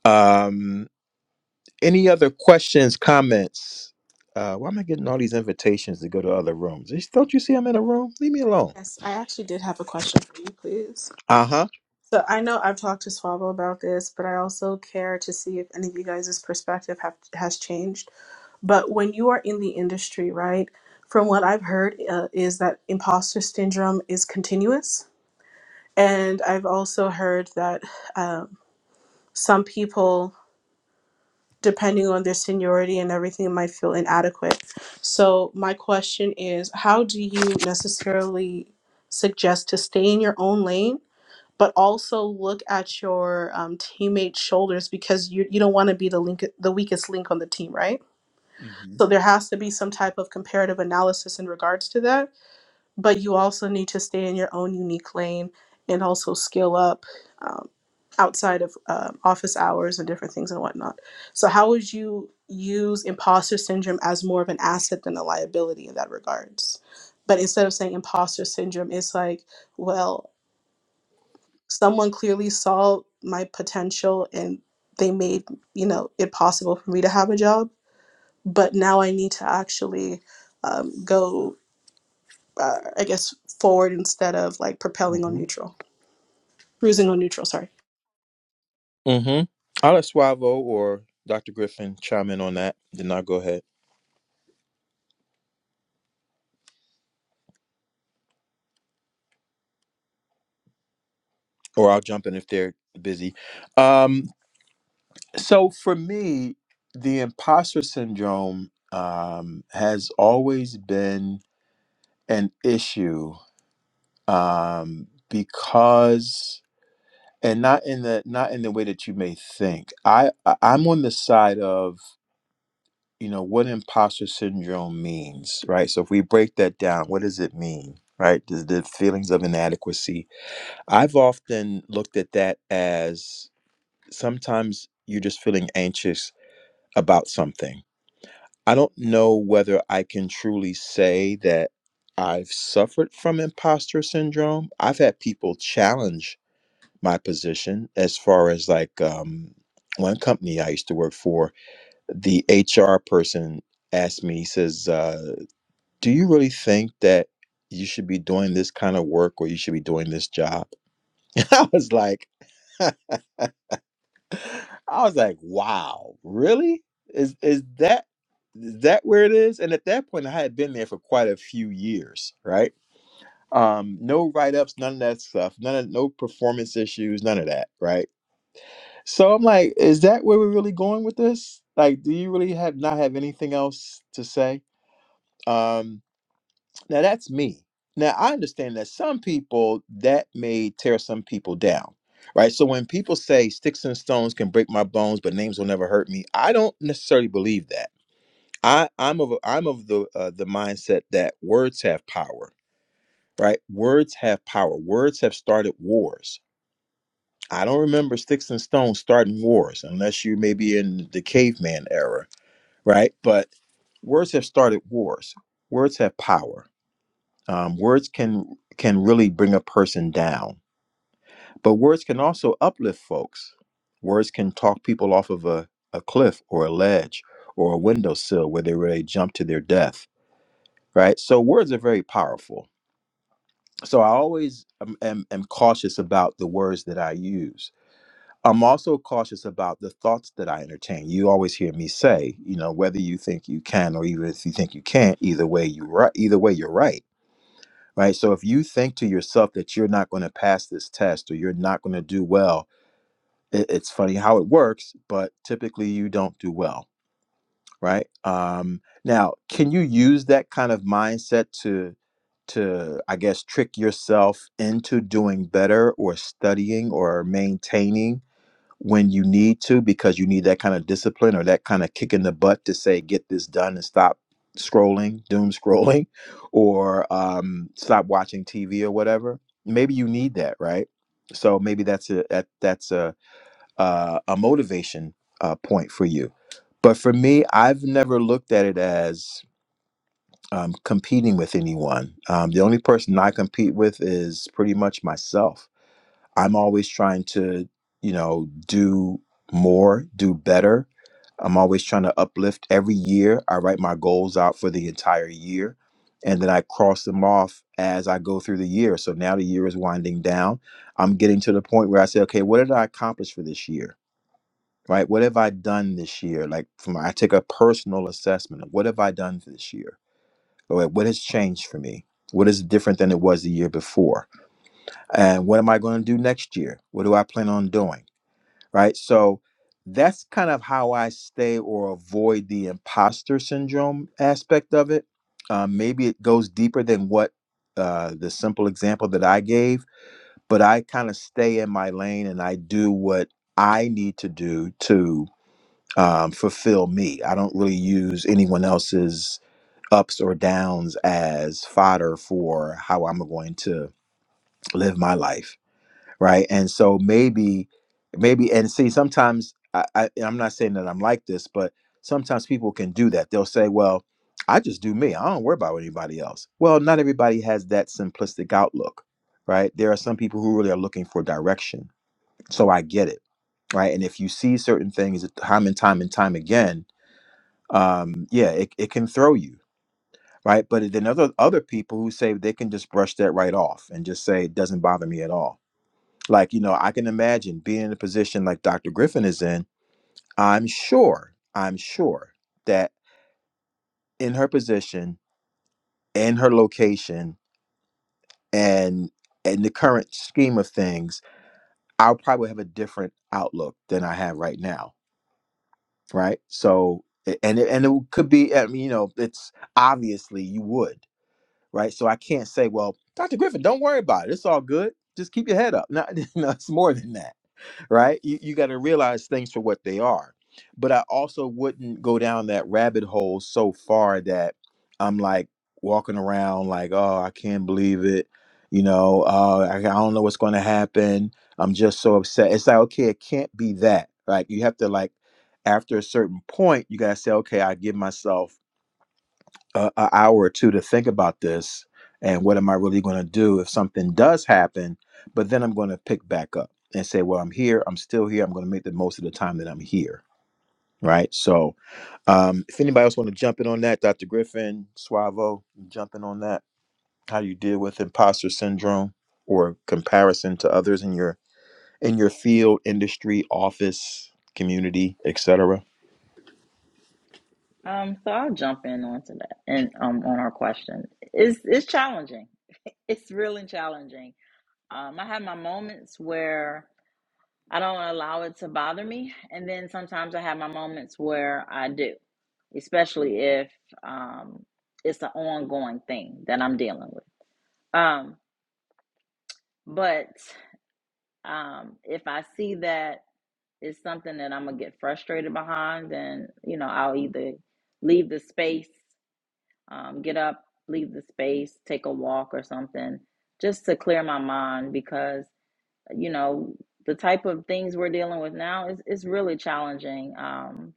A: Um, any other questions, comments? Uh, why am I getting all these invitations to go to other rooms? Don't you see I'm in a room? Leave me alone.
D: Yes, I actually did have a question for you, please.
A: Uh huh.
D: So I know I've talked to Swabo about this, but I also care to see if any of you guys' perspective have has changed. But when you are in the industry, right? From what I've heard, uh, is that imposter syndrome is continuous, and I've also heard that um, some people, depending on their seniority and everything, might feel inadequate. So my question is, how do you necessarily suggest to stay in your own lane? but also look at your um, teammates' shoulders because you you don't want to be the link the weakest link on the team, right?
A: hmm
D: So there has to be some type of comparative analysis in regards to that. But you also need to stay in your own unique lane and also scale up um, outside of um office hours and different things and whatnot. So how would you use imposter syndrome as more of an asset than a liability in that regards? But instead of saying imposter syndrome, it's like well someone clearly saw my potential and they made you know it possible for me to have a job but now i need to actually um, go uh, i guess forward instead of like propelling on
A: hmm
D: neutral cruising on neutral sorry
A: hmm I'll let Suavo or Dr. Griffin chime in on that. Then I'll go ahead, or I'll jump in if they're busy. Um, So for me, the imposter syndrome um, has always been an issue um, because, and not in the not in the way that you may think. I I- I'm on the side of you know what imposter syndrome means, right? So if we break that down, what does it mean, right? The, the feelings of inadequacy. I've often looked at that as sometimes you're just feeling anxious about something I don't know whether I can truly say that I've suffered from imposter syndrome. I've had people challenge my position as far as like um, one company I used to work for, the HR person asked me, he says, uh, Do you really think that you should be doing this kind of work or you should be doing this job? [laughs] And I was like, [laughs] I was like, wow, really? Is is that is that where it is? And at that point, I had been there for quite a few years, right? Um, no write ups, none of that stuff, none of no performance issues, none of that, right? So I'm like, is that where we're really going with this? Like, do you really have not have anything else to say? Um, now that's me. Now I understand that some people that may tear some people down. Right. So when people say sticks and stones can break my bones, but names will never hurt me, I don't necessarily believe that. I, I'm of I'm of the uh, the mindset that words have power. Right. Words have power. Words have started wars. I don't remember sticks and stones starting wars unless you maybe in the caveman era. Right. But words have started wars. Words have power Um, words can can really bring a person down, but words can also uplift folks. Words can talk people off of a, a cliff or a ledge or a windowsill where they really jump to their death. Right. So words are very powerful. So I always am, am, am cautious about the words that I use. I'm also cautious about the thoughts that I entertain. You always hear me say, you know, whether you think you can or even if you think you can't, either way you right, either way you're right right? So if you think to yourself that you're not going to pass this test or you're not going to do well, it, it's funny how it works, but typically you don't do well, right? Um, now, can you use that kind of mindset to to I guess trick yourself into doing better or studying or maintaining? when you need to because you need that kind of discipline or that kind of kick in the butt to say get this done and stop scrolling doom scrolling [laughs] or um, stop watching tv or whatever maybe you need that right so maybe that's a that, that's a uh, a motivation uh, point for you but for me i've never looked at it as um, competing with anyone um, the only person i compete with is pretty much myself I'm always trying to, you know, do more, do better. I'm always trying to uplift every year. I write my goals out for the entire year and then I cross them off as I go through the year. So now the year is winding down. I'm getting to the point where I say, okay, what did I accomplish for this year? Right? What have I done this year? Like from I take a personal assessment of what have I done for this year? Or like, What has changed for me? What is different than it was the year before? And what am I going to do next year? What do I plan on doing? right? So that's kind of how I stay or avoid the imposter syndrome aspect of it. Um, maybe it goes deeper than what uh, the simple example that I gave, but I kind of stay in my lane and I do what I need to do to um, fulfill me. I don't really use anyone else's ups or downs as fodder for how I'm going to live my life right and so maybe maybe and see sometimes I, I i'm not saying that i'm like this but sometimes people can do that they'll say well i just do me i don't worry about anybody else well not everybody has that simplistic outlook right there are some people who really are looking for direction so i get it right and if you see certain things time and time and time again um yeah it, it can throw you right but then other other people who say they can just brush that right off and just say it doesn't bother me at all like, you know, I can imagine being in a position like Dr. Griffin is in. I'm sure, I'm sure that in her position, in her location, and in the current scheme of things, I'll probably have a different outlook than I have right now. Right. So, a- and it, and it could be, I mean, you know, it's obviously you would. Right. So I can't say, well, Dr. Griffin, don't worry about it. It's all good. Just keep your head up. No, [laughs] no it's more than that right? You, you got to realize things for what they are. But I also wouldn't go down that rabbit hole so far that I'm like walking around like, oh, I can't believe it. You know, uh, I, I don't know what's going to happen. I'm just so upset. It's like, okay, it can't be that. Like, you have to, like, after a certain point, you got to say, okay, I give myself a, a hour or two to think about this and what am I really going to do if something does happen? But then I'm going to pick back up and say, well, I'm here. I'm still here. I'm going to make the most of the time that I'm here. Right. So um, if anybody else want to jump in on that, Dr. Griffin, Suavo, jump in on that, how you deal with imposter syndrome or comparison to others in your in your field, industry, office, community, etc.
B: um, so I'll jump in onto that and um on our question. It's it's challenging. It's really challenging Um, I have my moments where I don't allow it to bother me, and then sometimes I have my moments where I do, especially if um, it's an ongoing thing that I'm dealing with. Um, but um, if I see that it's something that I'm gonna get frustrated behind, then you know I'll either leave the space, um, get up, leave the space, take a walk or something, just to clear my mind because you know the type of things we're dealing with now is is really challenging um,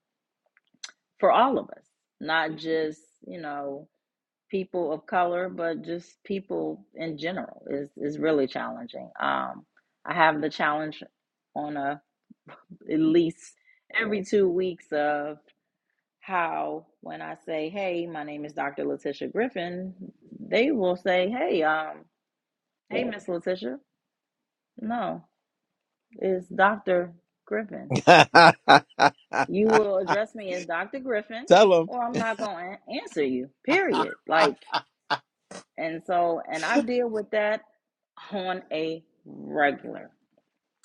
B: for all of us, not just you know people of color, but just people in general is is really challenging. Um, I have the challenge on a at least every two weeks of how when I say, "Hey, my name is Dr. Letitia Griffin," they will say, "Hey, um, hey, Miss Letitia." No, it's Dr. Griffin
A: [laughs] Tell
B: You will address me as Dr. Griffin,
A: them.
B: or I'm not going to answer you, period. Like, and so, and I deal with that on a regular.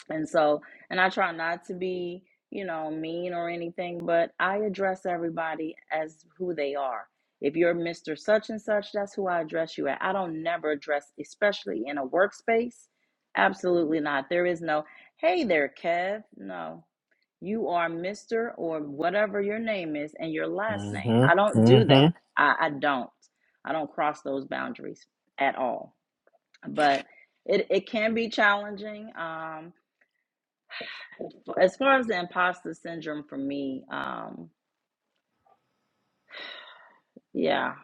B: And so, and I try not to be, you know, mean or anything, but I address everybody as who they are. If you're Mr. Such and Such, that's who I address you at. I don't never address, especially in a workspace. Absolutely not. There is no, hey there, Kev. No, you are Mr. or whatever your name is and your last name. I
A: Mm-hmm.
B: don't do that.
A: Mm-hmm.
B: I, I don't. I don't cross those boundaries at all. But it, it can be challenging. Um, as far as the imposter syndrome for me, um, yeah,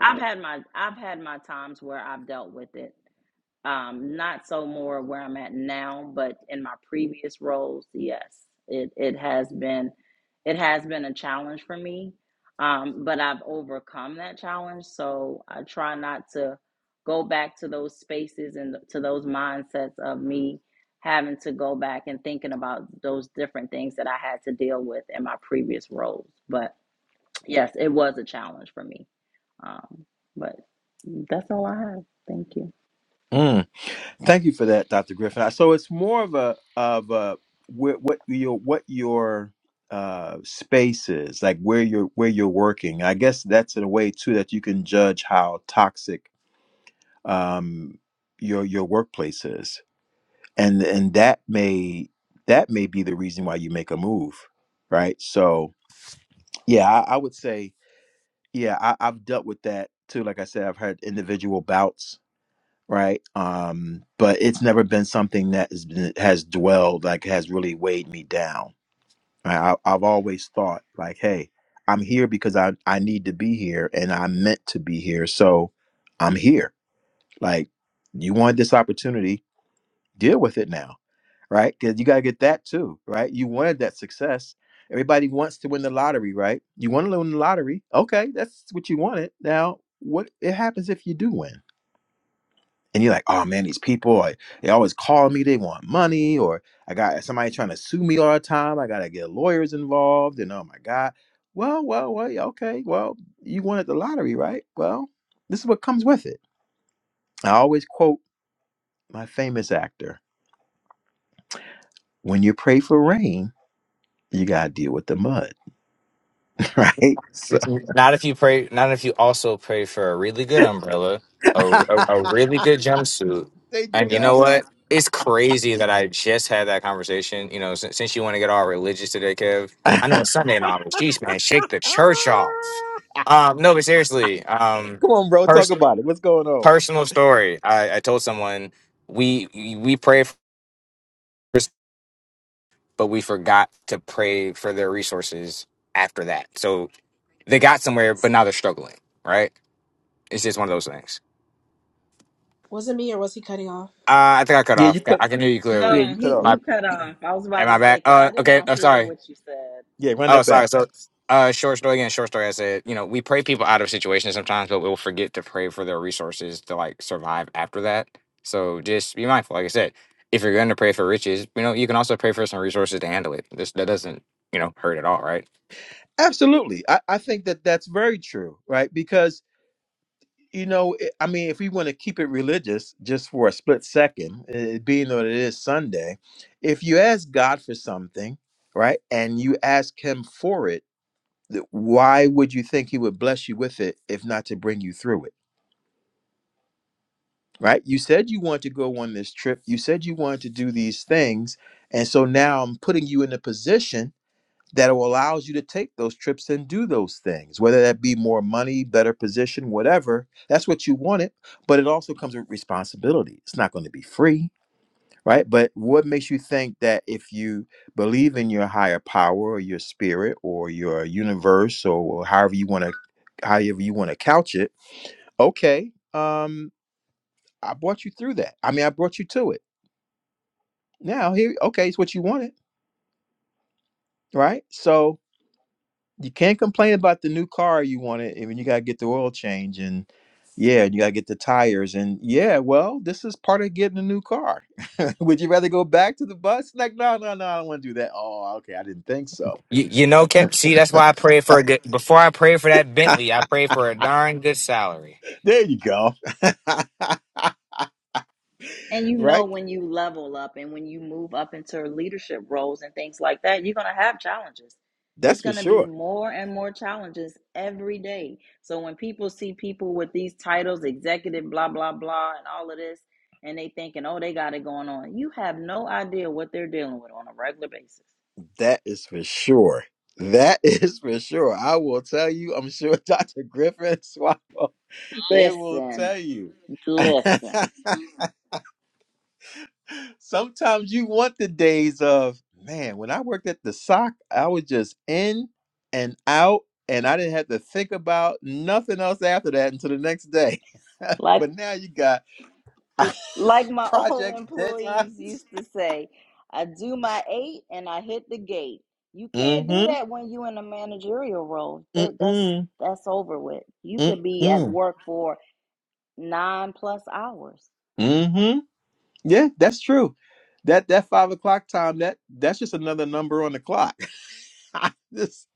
B: I've had my I've had my times where I've dealt with it um, not so more where I'm at now, but in my previous roles, yes, it, it has been it has been a challenge for me. Um, but I've overcome that challenge, so I try not to go back to those spaces and to those mindsets of me having to go back and thinking about those different things that I had to deal with in my previous roles. But yes, it was a challenge for me. Um, but that's all I have. Thank you.
A: Thank you for that, Dr. Griffin. So it's more of a of a wh- what your what your uh, space is like where you're where you're working. I guess that's in a way too that you can judge how toxic um, your your workplace is, and and that may that may be the reason why you make a move, right? So yeah, I, I would say yeah, I, I've dealt with that too. Like I said, I've had individual bouts right? Um, but it's never been something that has been, has dwelled like has really weighed me down. I, I- I've always thought like, hey, I'm here because I I need to be here and I'm meant to be here, so I'm here. Like, you wanted this opportunity, deal with it now, right? Because you gotta get that too, right? You wanted that success. Everybody wants to win the lottery, right? You want to win the lottery, okay? That's what you wanted. Now, what it happens if you do win? and you're like, oh man, these people, I, they always call me, they want money, or I got somebody trying to sue me all the time. I gotta get lawyers involved, and oh my god. Well, well, well, yeah, okay. Well, you won at the lottery, right? Well, this is what comes with it. I always quote my famous actor: "When you pray for rain, you gotta deal with the mud, [laughs] right?" So
E: Not if you pray. Not if you also pray for a really good umbrella, a,
A: [laughs]
E: a,
A: there
E: a really good jumpsuit,
A: you
E: and you
A: go.
E: know
A: [laughs]
E: what? It's crazy that I just had that conversation. You know, since, since you want to get all religious today, Kev. I know it's Sunday in August. Jeez, man, shake the church off. Um, no, but seriously, um,
A: Come on, bro, talk
E: pers-
A: about it. What's going on?
E: personal story. I, I told someone we we pray for, but we forgot to pray for their resources after that. So they got somewhere, but now they're struggling, right? It's just one of those things.
D: was it me or was he cutting off
E: Uh, I think I cut
A: Yeah, you
E: off.
A: cut.
E: I can hear you
A: Yeah,
E: clearly.
B: No,
A: you cut
B: he
A: off.
E: My
B: you cut off. I was
E: am
B: about
E: I
B: to say
E: back?
B: because I
E: Uh,
B: did
E: okay.
B: not
E: I'm
B: hear
E: sorry.
B: what you said.
A: Yeah, run
E: Oh,
A: that
E: sorry.
A: back.
E: So, uh, short story again. Short story. I said, you know, we pray people out of situations sometimes, but we'll forget to pray for their resources to like survive after that. So just be mindful. Like I said, if you're going to pray for riches, you know, you can also pray for some resources to handle it. This that doesn't, you know, hurt at all, right?
A: Absolutely. I, I think that that's very true, right? Because, you know, it- I mean, if we want to keep it religious just for a split second, it being that it is Sunday, if you ask God for something, right, and you ask Him for it, th- why would you think he would bless you with it if not to bring you through it right you said you want to go on this trip you said you wanted to do these things and so now i'm putting you in a position that will allows you to take those trips and do those things whether that be more money better position whatever that's what you wanted but it also comes with responsibility it's not going to be free right? But what makes you think that if you believe in your higher power or your spirit or your universe or however you want to however you want to couch it, okay, um, I brought you through that. I mean, I brought you to it. Now here, okay, it's what you wanted, right? So you can't complain about the new car you wanted, and you gotta get the oil change and yeah, you gotta get the tires and yeah, well, this is part of getting a new car. [laughs] Would you rather go back to the bus? Like, no, no, no, I don't want to do that. Oh, okay, I didn't think so
E: You, you know, Kep. See, that's why I prayed for a good. Before I prayed for that Bentley, I prayed for a darn good salary.
A: There you go.
B: And you know
A: Right?
B: when you level up and when you move up into leadership roles and things like that, you're gonna have challenges.
A: That's
B: It's
A: for
B: gonna be
A: sure.
B: more and more challenges every day. So when people see people with these titles, executive, blah blah blah, and all of this, and they thinking, oh, they got it going on. You have no idea what they're dealing with on a regular basis.
A: That is for sure. That [laughs] is for sure. I will tell you, I'm sure [laughs] Dr. Griffin Swallow, they will
B: Listen,
A: tell you. [laughs]
B: listen.
A: Sometimes you want the days of, man, when I worked at the sock, I was just in and out, and I didn't have to think about nothing else after that until the next day. [laughs]
B: like.
A: but now you got [laughs]
B: Like my [laughs] old
A: project deadlines.
B: employees used to say, I do my eight and I hit the gate. You can't do
A: Mm-hmm.
B: that when you're in a managerial role. There, that's
A: Mm-mm.
B: that's over with. You could be at
A: Mm-mm.
B: work for nine plus hours.
A: Mm-hmm. Yeah, that's true. That that five o'clock time, that that's just another number on the clock. [laughs] this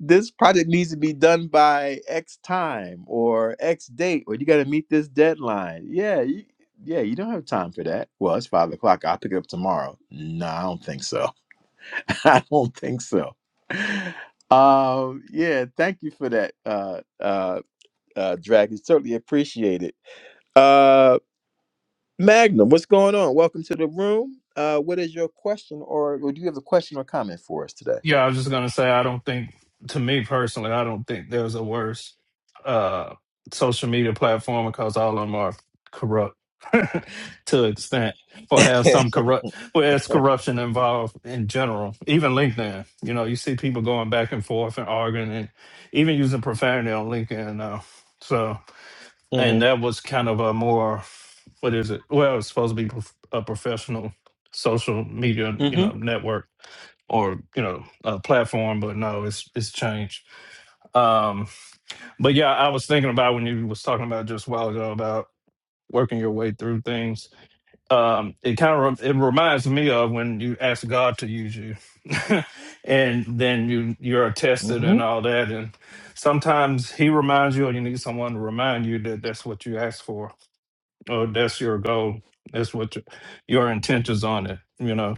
A: this project needs to be done by X time or X date, or you gotta meet this deadline. Yeah, you, yeah, you don't have time for that. Well, it's five o'clock. I'll pick it up tomorrow. No, I don't think so. [laughs] I don't think so. Um, yeah, thank you for that, uh uh uh Drag. It's certainly appreciated. Magnum, what's going on? Welcome to the room. Uh, what is your question, or, or do you have a question or comment for us today?
F: Yeah, I was just gonna say I don't think to me personally, I don't think there's a worse uh social media platform because all of them are corrupt [laughs] to an extent or have some
A: [laughs]
F: corrupt or has corruption involved in general. Even LinkedIn. You know, you see people going back and forth and arguing and even using profanity on LinkedIn now. So and
A: mm-hmm.
F: that was kind of a more what is it? Well, it's supposed to be prof- a professional social media,
A: Mm-hmm.
F: you know, network or you know a platform but no it's it's changed um but yeah i was thinking about when you was talking about just a while ago about working your way through things um it kind of it reminds me of when you ask god to use you [laughs] and then you you're tested
A: hmm
F: and all that and sometimes he reminds you or you need someone to remind you that that's what you asked for or that's your goal that's what your, your intentions on it you know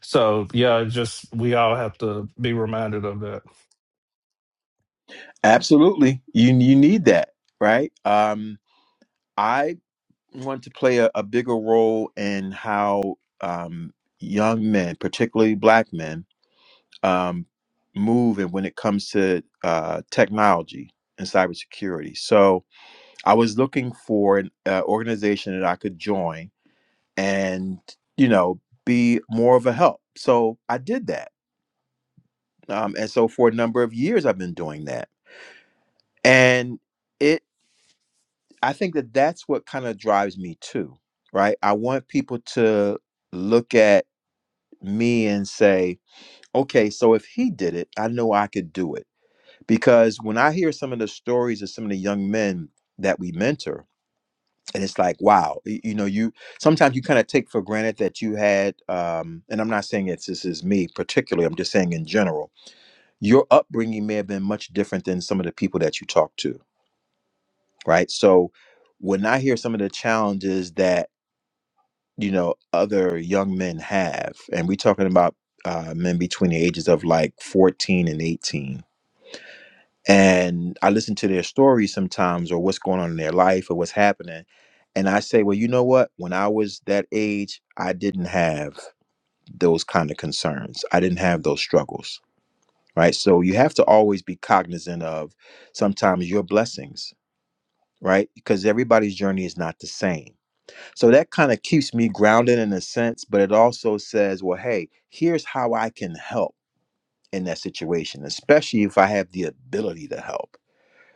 F: so yeah, it's just we all have to be reminded of that.
A: Absolutely, you you need that, right? Um, I want to play a, a bigger role in how um, young men, particularly black men, um, move and when it comes to uh, technology and cybersecurity. So I was looking for an uh, organization that I could join and, you know, be more of a help. So I did that. Um, and so for a number of years, I've been doing that. And it, I think that that's what kind of drives me too, right? I want people to look at me and say, okay, so if he did it, I know I could do it. Because when I hear some of the stories of some of the young men that we mentor, and it's like, wow, y- you know, you sometimes you kind of take for granted that you had, um, and I'm not saying it's this is me particularly, I'm just saying in general, your upbringing may have been much different than some of the people that you talk to, right? So when I hear some of the challenges that you know other young men have and we're talking about uh, men between the ages of like 14 and 18 and i listen to their stories sometimes or what's going on in their life or what's happening and i say well you know what when i was that age i didn't have those kind of concerns i didn't have those struggles right so you have to always be cognizant of sometimes your blessings right because everybody's journey is not the same so that kind of keeps me grounded in a sense, but it also says, well, hey, here's how I can help in that situation, especially if I have the ability to help.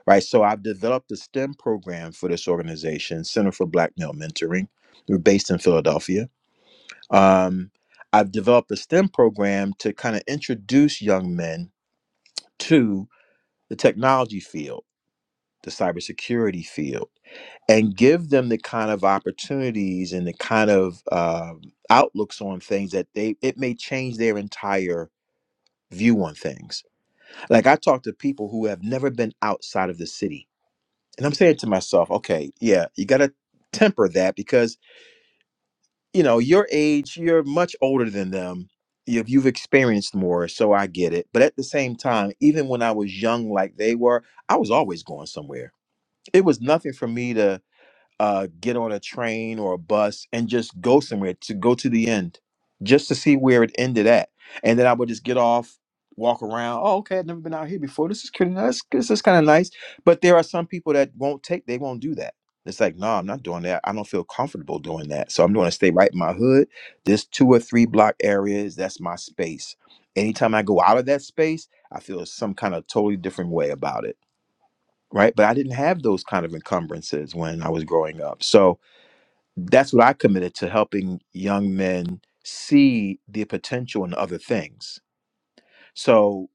A: Right. So I've developed a STEM program for this organization, Center for Black Male Mentoring. We're based in Philadelphia. Um, I've developed a STEM program to kind of introduce young men to the technology field, the cybersecurity field and give them the kind of opportunities and the kind of um outlooks on things that they it may change their entire view on things like i talk to people who have never been outside of the city and i'm saying to myself okay yeah you gotta temper that because you know your age you're much older than them you've, you've experienced more so i get it but at the same time even when i was young like they were i was always going somewhere it was nothing for me to uh, get on a train or a bus and just go somewhere to go to the end, just to see where it ended at. And then I would just get off, walk around. Oh, okay, I've never been out here before. This is pretty nice. This is kind of nice. But there are some people that won't take. They won't do that. It's like, no, I'm not doing that. I don't feel comfortable doing that. So I'm going to stay right in my hood. This two or three block areas, that's my space. Anytime I go out of that space, I feel some kind of totally different way about it. Right. But I didn't have those kind of encumbrances when I was growing up. So, that's what I committed to helping young men see the potential in other things. So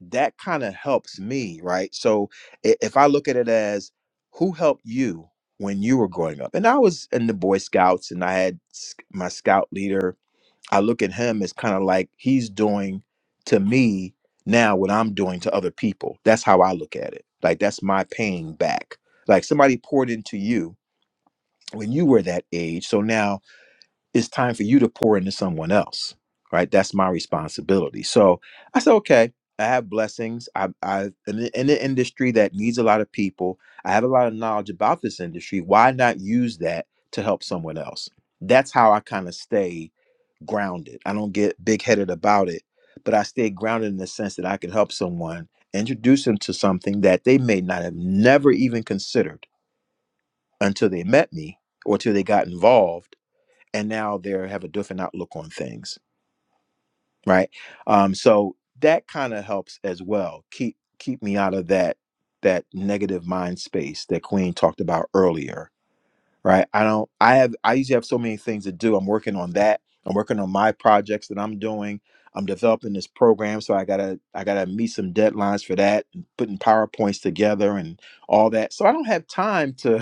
A: that kind of helps me, right? So i- if I look at it as who helped you when you were growing up, and I was in the Boy Scouts and I had s- my scout leader, I look at him as kind of like he's doing to me now what I'm doing to other people. That's how I look at it. Like that's my paying back. Like somebody poured into you when you were that age. So now it's time for you to pour into someone else right that's my responsibility so i said okay i have blessings i i in, the- in the industry that needs a lot of people i have a lot of knowledge about this industry why not use that to help someone else that's how i kind of stay grounded i don't get big headed about it but i stay grounded in the sense that i can help someone introduce them to something that they may not have never even considered until they met me or till they got involved and now they have a different outlook on things right um so that kind of helps as well keep keep me out of that that negative mind space that queen talked about earlier right i don't i have i usually have so many things to do i'm working on that i'm working on my projects that i'm doing i'm developing this program so i gotta i gotta meet some deadlines for that and putting powerpoints together and all that so i don't have time to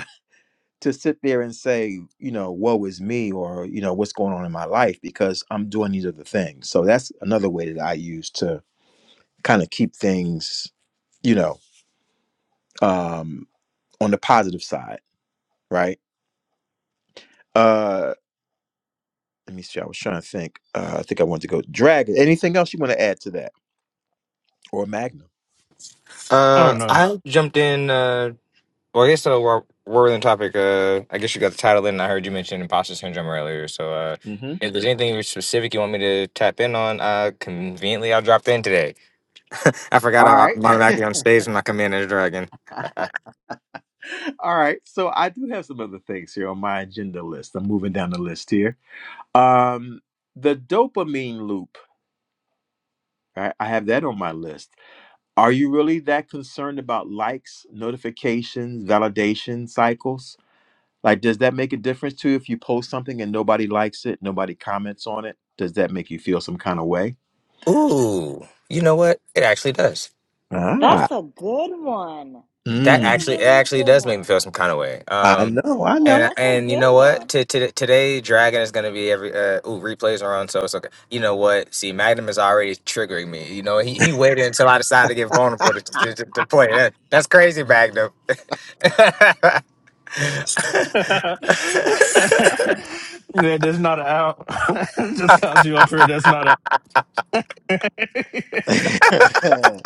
A: to sit there and say, you know, woe is me or, you know, what's going on in my life because I'm doing these other things. So that's another way that I use to kind of keep things, you know, um, on the positive side, right? Uh let me see. I was trying to think. Uh, I think I wanted to go dragon. Anything else you want to add to that or Magnum?
F: Oh
E: Uh,
F: no.
E: I jumped in. Uh, Well, I guess so. We're, we're on the topic. Uh, I guess you got the title in. and I heard you mention imposter syndrome earlier. So, uh,
A: Mm-hmm.
E: if there's anything specific you want me to tap in on, uh, conveniently I dropped in today. [laughs] I
A: All
E: forgot I'm
A: right.
E: I'm automatically on stage when I come in as a dragon.
A: [laughs] All right. So I do have some other things here on my agenda list. I'm moving down the list here. Um, the dopamine loop. right? I have that on my list. Are you really that concerned about likes, notifications, validation cycles? Like, does that make a difference to you if you post something and nobody likes it, nobody comments on it? Does that make you feel some kind of way?
E: [laughs] Ooh, you know what? It actually does.
A: Ah,
B: That's a good one. That
E: That
B: is a
A: Mm.
E: actually, it
B: really
E: actually
B: good
E: does make me
B: one.
E: feel some kind of way.
A: I
E: Um,
A: know, I
B: Yeah,
A: know.
E: and
B: that's a
E: and you
B: good
E: know what?
B: one.
E: To, to, today, Dragon is gonna be every. Uh, ooh, replays are on, so it's okay. You know what? See, Magnum is already triggering me. You know, he, he waited until I decided to get vulnerable to, to, to, to play. That that's crazy, Magnum.
F: [laughs] that
E: [laughs] [laughs]
F: is not an out. [laughs] Just comes you up here. That's not a. [laughs]
A: [laughs] I,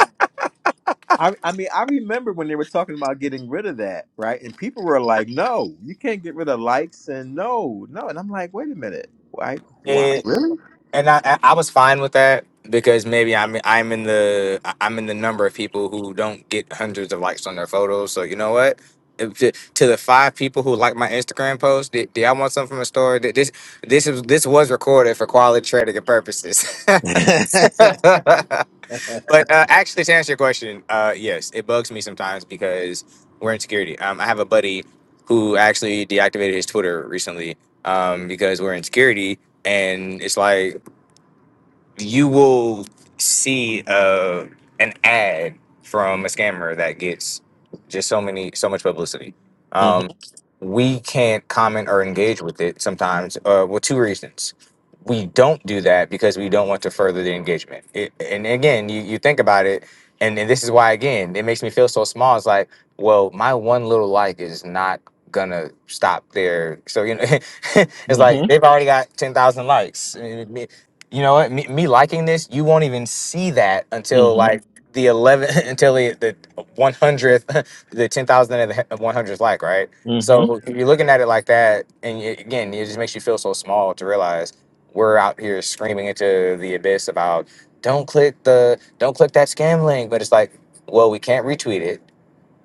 A: I mean, I remember when they were talking about getting rid of that, right? And people were like, "No, you can't get rid of likes," and no, no, and I'm like, "Wait a minute, like, what?
E: Yeah.
A: Really?"
E: and I, I I was fine with that because maybe I'm I'm in the I- I'm in the number of people who don't get hundreds of likes on their photos. So you know what? If To to the five people who like my Instagram post, did, did I want something from a store? Did This this is this was recorded for quality trading purposes. [laughs]
A: [laughs]
E: but uh, actually, to answer your question, uh, yes, it bugs me sometimes because we're in security. Um, I have a buddy who actually deactivated his Twitter recently um, because we're in security, and it's like you will see uh, an ad from a scammer that gets just so many so much publicity.
A: hmm
E: Um, we can't comment or engage with it sometimes. Uh, well, two reasons. We don't do that because we don't want to further the engagement. It, and again, you, you think about it, and, and this is why again it makes me feel so small. It's like, well, my one little like is not gonna stop there. So you know, [laughs] it's like
A: hmm
E: they've already got ten thousand likes you know what me, me liking this you won't even see that until like the 11 [laughs] until the, the 100th [laughs] the 10,000 and the 100th like right
A: Mm-hmm.
E: so if you're looking at it like that and y again it just makes you feel so small to realize we're out here screaming into the abyss about don't click the don't click that scam link but it's like well we can't retweet it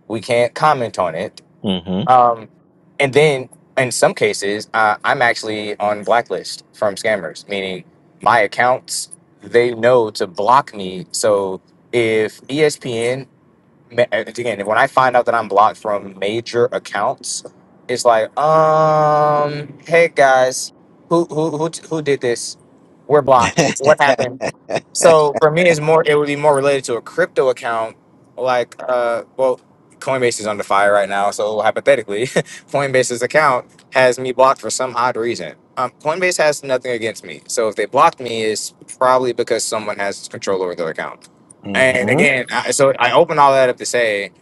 E: we can't comment on it
A: Mm-hmm.
E: um, and then in some cases, uh, I'm actually on blacklist from scammers, meaning my accounts, they know to block me. So if ESPN, ma- again, when I find out that I'm blocked from major accounts, it's like, um, hey guys, who who who who did this? We're blocked. So What
A: [laughs]
E: happened? So for me, it's more. It would be more related to a crypto account, like uh, well, Coinbase is under fire right now. So hypothetically, [laughs] Coinbase's account has me blocked for some odd reason. Um, Coinbase has nothing against me. So if they blocked me, it's probably because someone has control over their account. And
A: Mm-hmm.
E: again, I, so I open all that up to say,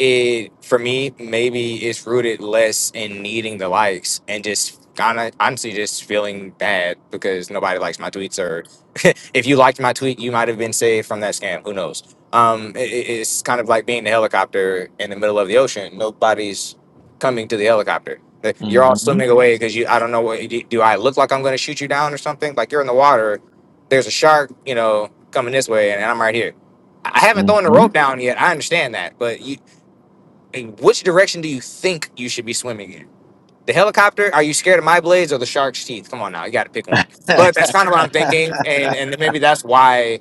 E: it for me maybe it's rooted less in needing the likes and just kind of honestly just feeling bad because nobody likes my tweets or. [laughs] if you liked my tweet, you might have been saved from that scam. Who knows? Um, i it's kind of like being the helicopter in the middle of the ocean. Nobody's coming to the helicopter. Like, You're all
A: Mm-hmm.
E: swimming away because you. I don't know what. Do do I look like I'm going to shoot you down or something? Like you're in the water. There's a shark, you know, coming this way, and I'm right here. I I haven't thrown the rope
A: Mm-hmm.
E: down yet. I understand that, but you, in which direction do you think you should be swimming in? The helicopter? Are you scared of my blades or the shark's teeth? Come on now, you got to pick one. But that's kind of what I'm thinking, and and maybe that's why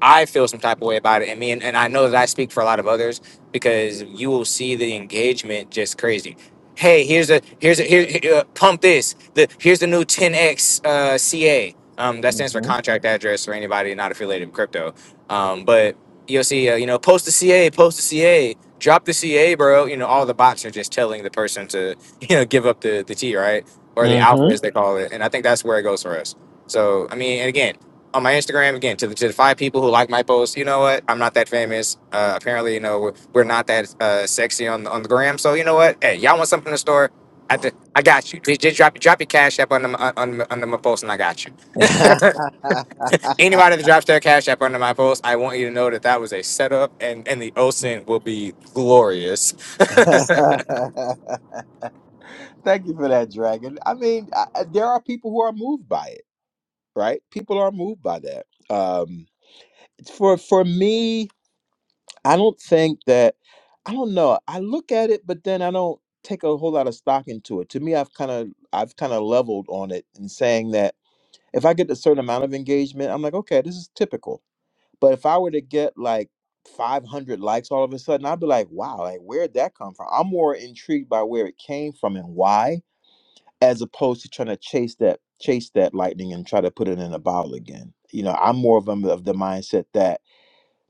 E: I feel some type of way about it, and me and, and I know that I speak for a lot of others because you will see the engagement just crazy. Hey, here's a here's a here, here, uh, pump this. The here's the new 10x uh, CA. Um, that stands for
A: Mm-hmm.
E: contract address for anybody not affiliated with crypto. Um, but you'll see, uh, you know, post the CA, post the CA, drop the CA, bro. You know, all the bots are just telling the person to [laughs] you know give up the the T, right, or the alpha
A: Mm-hmm.
E: as they call it. And I think that's where it goes for us. So I mean, and again on my Instagram again to the, to the five people who like my post, You know what? I'm not that famous. Uh, apparently, you know we're, we're not that uh, sexy on on the gram. So you know what? Hey, y'all want something in the store? I, th- I got you. Just, just drop drop your cash app under my, uh, under, under my post, and I got you. Anybody that drops their cash app under my post, I want you to know that that was a setup, and and the OSINT will be glorious.
A: [laughs] Thank you for that, Dragon. I mean, I, I- there are people who are moved by it, right? People are moved by that. Um, for for me, I don't think that I don't know. I look at it, but then I don't take a whole lot of stock into it. To me, I've kind of I've kind of leveled on it and saying that if I get a certain amount of engagement, I'm like, okay, this is typical. But if I were to get like 500 likes all of a sudden, I'd be like, wow, like where'd that come from? I'm more intrigued by where it came from and why, as opposed to trying to chase that chase that lightning and try to put it in a bottle again. You know, I'm more of, a, of the mindset that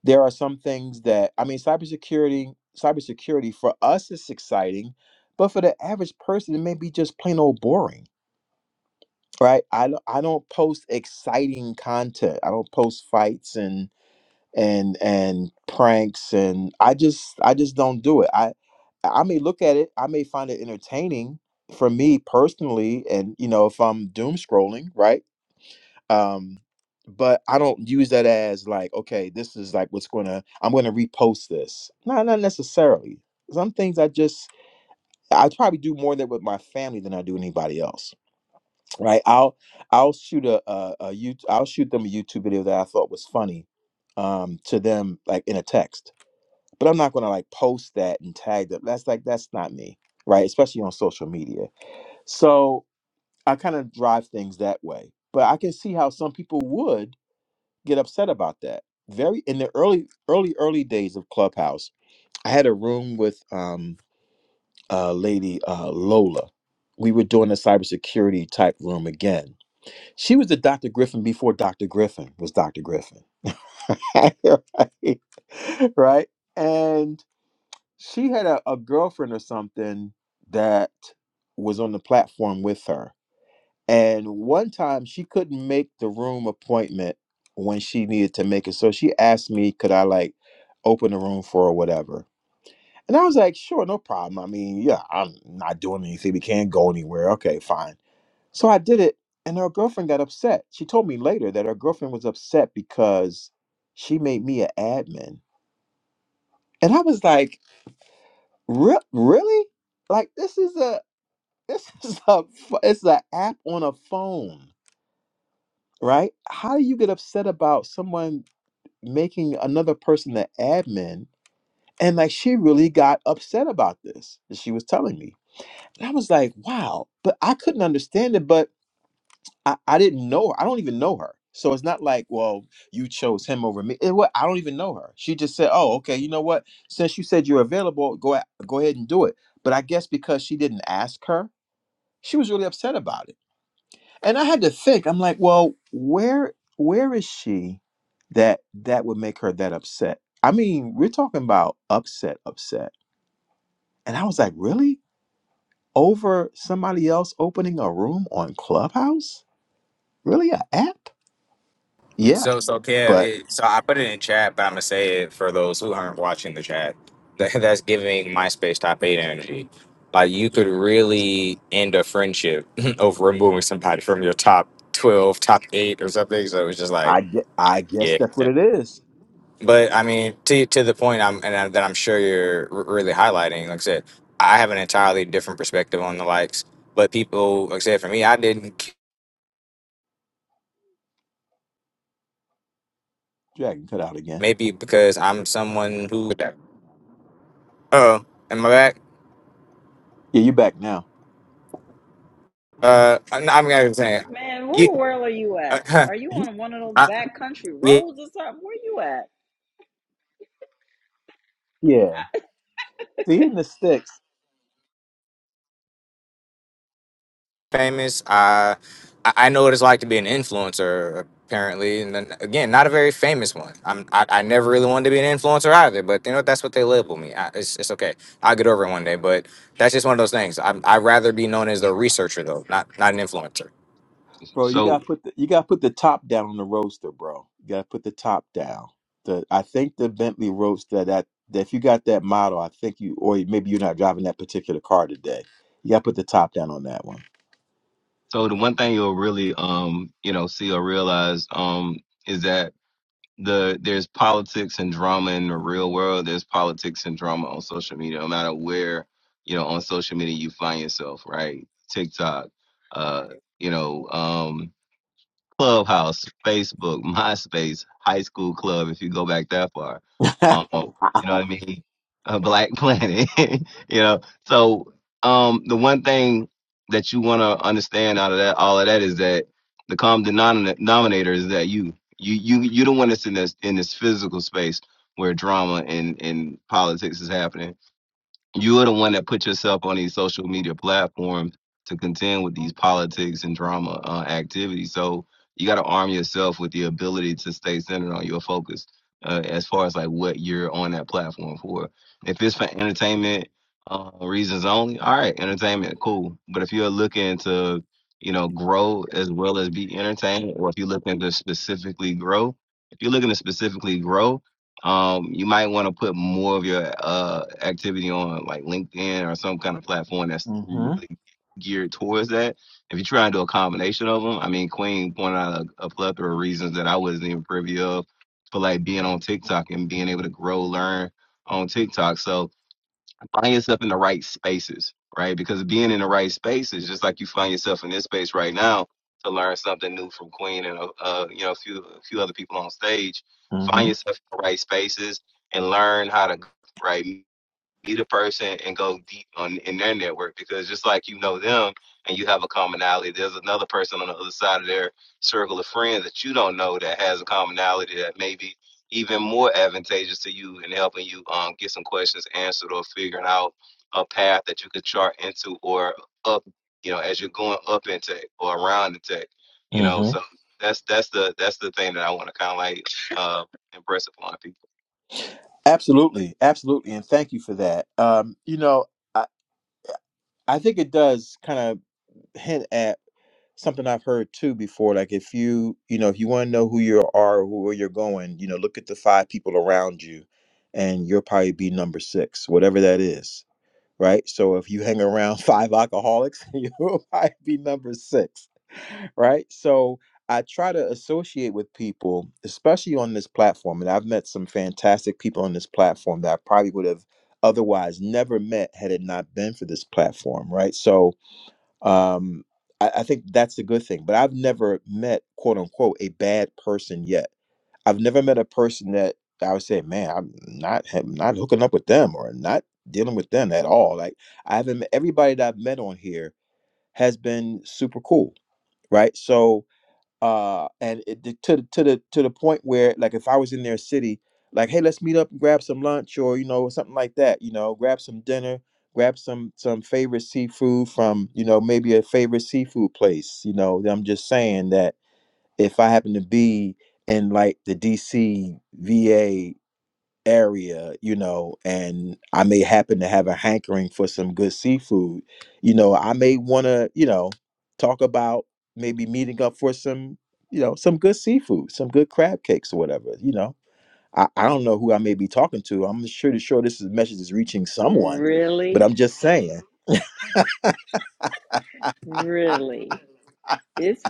A: there are some things that I mean cybersecurity cybersecurity for us is exciting, but for the average person it may be just plain old boring, right? I don't I don't post exciting content. I don't post fights and and and pranks and I just I just don't do it. I I may look at it, I may find it entertaining for me personally and you know if I'm doom scrolling, right? um but i don't use that as like okay this is like what's gonna i'm gonna repost this no not necessarily some things i just i probably do more that with my family than i do anybody else right i'll i'll shoot a a, a you i'll shoot them a youtube video that i thought was funny um to them like in a text but i'm not gonna like post that and tag them that's like that's not me right especially on social media so i kind of drive things that way but i can see how some people would get upset about that. Very in the early, early, early days of Clubhouse, I had a room with um uh lady uh Lola. We were doing a cybersecurity type room again. She was the Dr. Griffin before Dr. Griffin was Dr. Griffin. [laughs] right? Right? And she had a, a girlfriend or something that was on the platform with her and one time she couldn't make the room appointment when she needed to make it. So she asked me, could I like open the room for her or whatever? And I was like, sure, no problem. I mean, yeah, I'm not doing anything. We can't go anywhere. Okay, fine. So I did it. And her girlfriend got upset. She told me later that her girlfriend was upset because she made me an admin. And I was like, "Re- really? Like this is a [laughs] this is a ph- it's an app on a phone right? How do you get upset about someone making another person the admin? And like she really got upset about this. that She was telling me. And I was like, wow. But I couldn't understand it, but I, I didn't know her. I don't even know her. So it's not like, well, you chose him over me. It, wa- I don't even know her. She just said, oh, okay, you know what? Since you said you're available, go a- go ahead and do it. But I guess because she didn't ask her, she was really upset about it. And I had to think. I'm like, well, where where is she that that would make her that upset? I mean, we're talking about upset, upset. And I was like, really? Over somebody else opening a room on Clubhouse? Really, a app? Yeah,
E: So, so Kev,
A: but
E: it, so I put it in chat, but I'm gonna say it for those who aren't watching the chat. That, [laughs] that's giving MySpace top eight energy. Like you could really end a friendship [laughs] over removing somebody from your top twelve, top eight, or something. So it's just like,
A: I get.
E: I-
A: I guess
E: yeah.
A: that's what it is.
E: But I mean, to to the point, I'm and I, that I'm sure you're r- really highlighting. Like I said, I have an entirely different perspective on the likes. But people, like I said, for me, I didn't.
A: Dragon cut out again.
E: Maybe because I'm someone who. Oh, am I back?
A: Yeah, you back now.
E: Uh, I'm, I'm gonna say
B: Man, where
E: you.
B: the world are you at?
E: Uh,
B: Are you on one of
E: [laughs]
B: those
E: I,
B: backcountry
E: yeah,
B: roads or something? Where you at?
A: [laughs] yeah, seeing the sticks.
E: famous. I I I know what it's like to be an influencer. Apparently, and then again, not a very famous one. I'm. I, I never really wanted to be an influencer either. But you know, that's what they label me. I, it's it's okay. I'll get over it one day. But that's just one of those things. I I'd rather be known as the researcher though, not not an influencer.
A: Bro, you gotta
C: So,
A: put the you gotta put the top down on the roaster, bro. You gotta put the top down. The I think the Bentley roadster that, that if you got that model, I think you or maybe you're not driving that particular car today. You gotta put the top down on that one.
C: so the one thing you'll really, um, you know, see or realize, um, is that the there's politics and drama in the real world. There's politics and drama on social media, no matter where you know on social media you find yourself, right? TikTok, uh, you know. Um, Clubhouse, Facebook, MySpace, High School Club, if you go back that far.
A: [laughs]
C: Um, you know
A: Ow.
C: what I mean? [laughs] A Black Planet, [laughs] you know? So, um, the one thing that you want to understand out of that, all of that is that the common denom- denominator is that you, you, you, you don't want us in this, in this physical space where drama and, and politics is happening you are the one that put yourself on these social media platforms to contend with these politics and drama uh, activities. So you got to arm yourself with the ability to stay centered on your focus uh, as far as like what you're on that platform for. If it's for entertainment uh, reasons only, all right, entertainment, cool. But if you're looking to, you know, grow as well as be entertained, or if you're looking to specifically grow, if you're looking to specifically grow, um, you might want to put more of your uh activity on like LinkedIn or some kind of platform that's
A: Mhm.
C: really geared towards that. If you try and do a combination of them, I mean, Queen pointed out a, a plethora of reasons that I wasn't even privy of for like being on TikTok and being able to grow, learn on TikTok. So find yourself in the right spaces, right? Because being in the right spaces, just like you find yourself in this space right now to learn something new from Queen and uh, uh, you know a few a few other people on stage, find
A: Mhm.
C: yourself in the right spaces and learn how to right meet a person and go deep on in their network because just like you know them and you have a commonality, there's another person on the other side of their circle of friends that you don't know that has a commonality that may be even more advantageous to you in helping you um, get some questions answered or figuring out a path that you could chart into or up, you know, as you're going up in tech or around in tech, you know.
A: Mhm.
C: So that's that's the that's the thing that I want to kind of like uh, impress upon people.
A: Absolutely, absolutely, and thank you for that. Um, you know. I think it does kind of hint at something I've heard too before. Like if you, you know, if you want to know who you are, or where you're going, you know, look at the five people around you, and you'll probably be number six, whatever that is right? So if you hang around five alcoholics, [laughs] you'll probably be number six, right? So I try to associate with people, especially on this platform, and I've met some fantastic people on this platform that I probably would have otherwise never met had it not been for this platform, right? So um, I, I think that's a good thing. But I've never met quote unquote a bad person yet. I've never met a person that I would say, man, I'm not I'm not hooking up with them or not dealing with them at all. Like I haven't met everybody that I've met on here has been super cool, right? So uh and it the- to the- to the to the point where like if i was in their city like hey let's meet up and grab some lunch or you know something like that you know grab some dinner grab some some favorite seafood from you know maybe a favorite seafood place you know i'm just saying that if i happen to be in like the dc area, you know, and I may happen to have a hankering for some good seafood, you know, I may want to, you know, talk about maybe meeting up for some, you know, some good seafood, some good crab cakes or whatever, you know. I, I don't know who I may be talking to. I'm sure sure this is, message is reaching someone, but
B: Really?
A: I'm just saying.
B: Really? it's.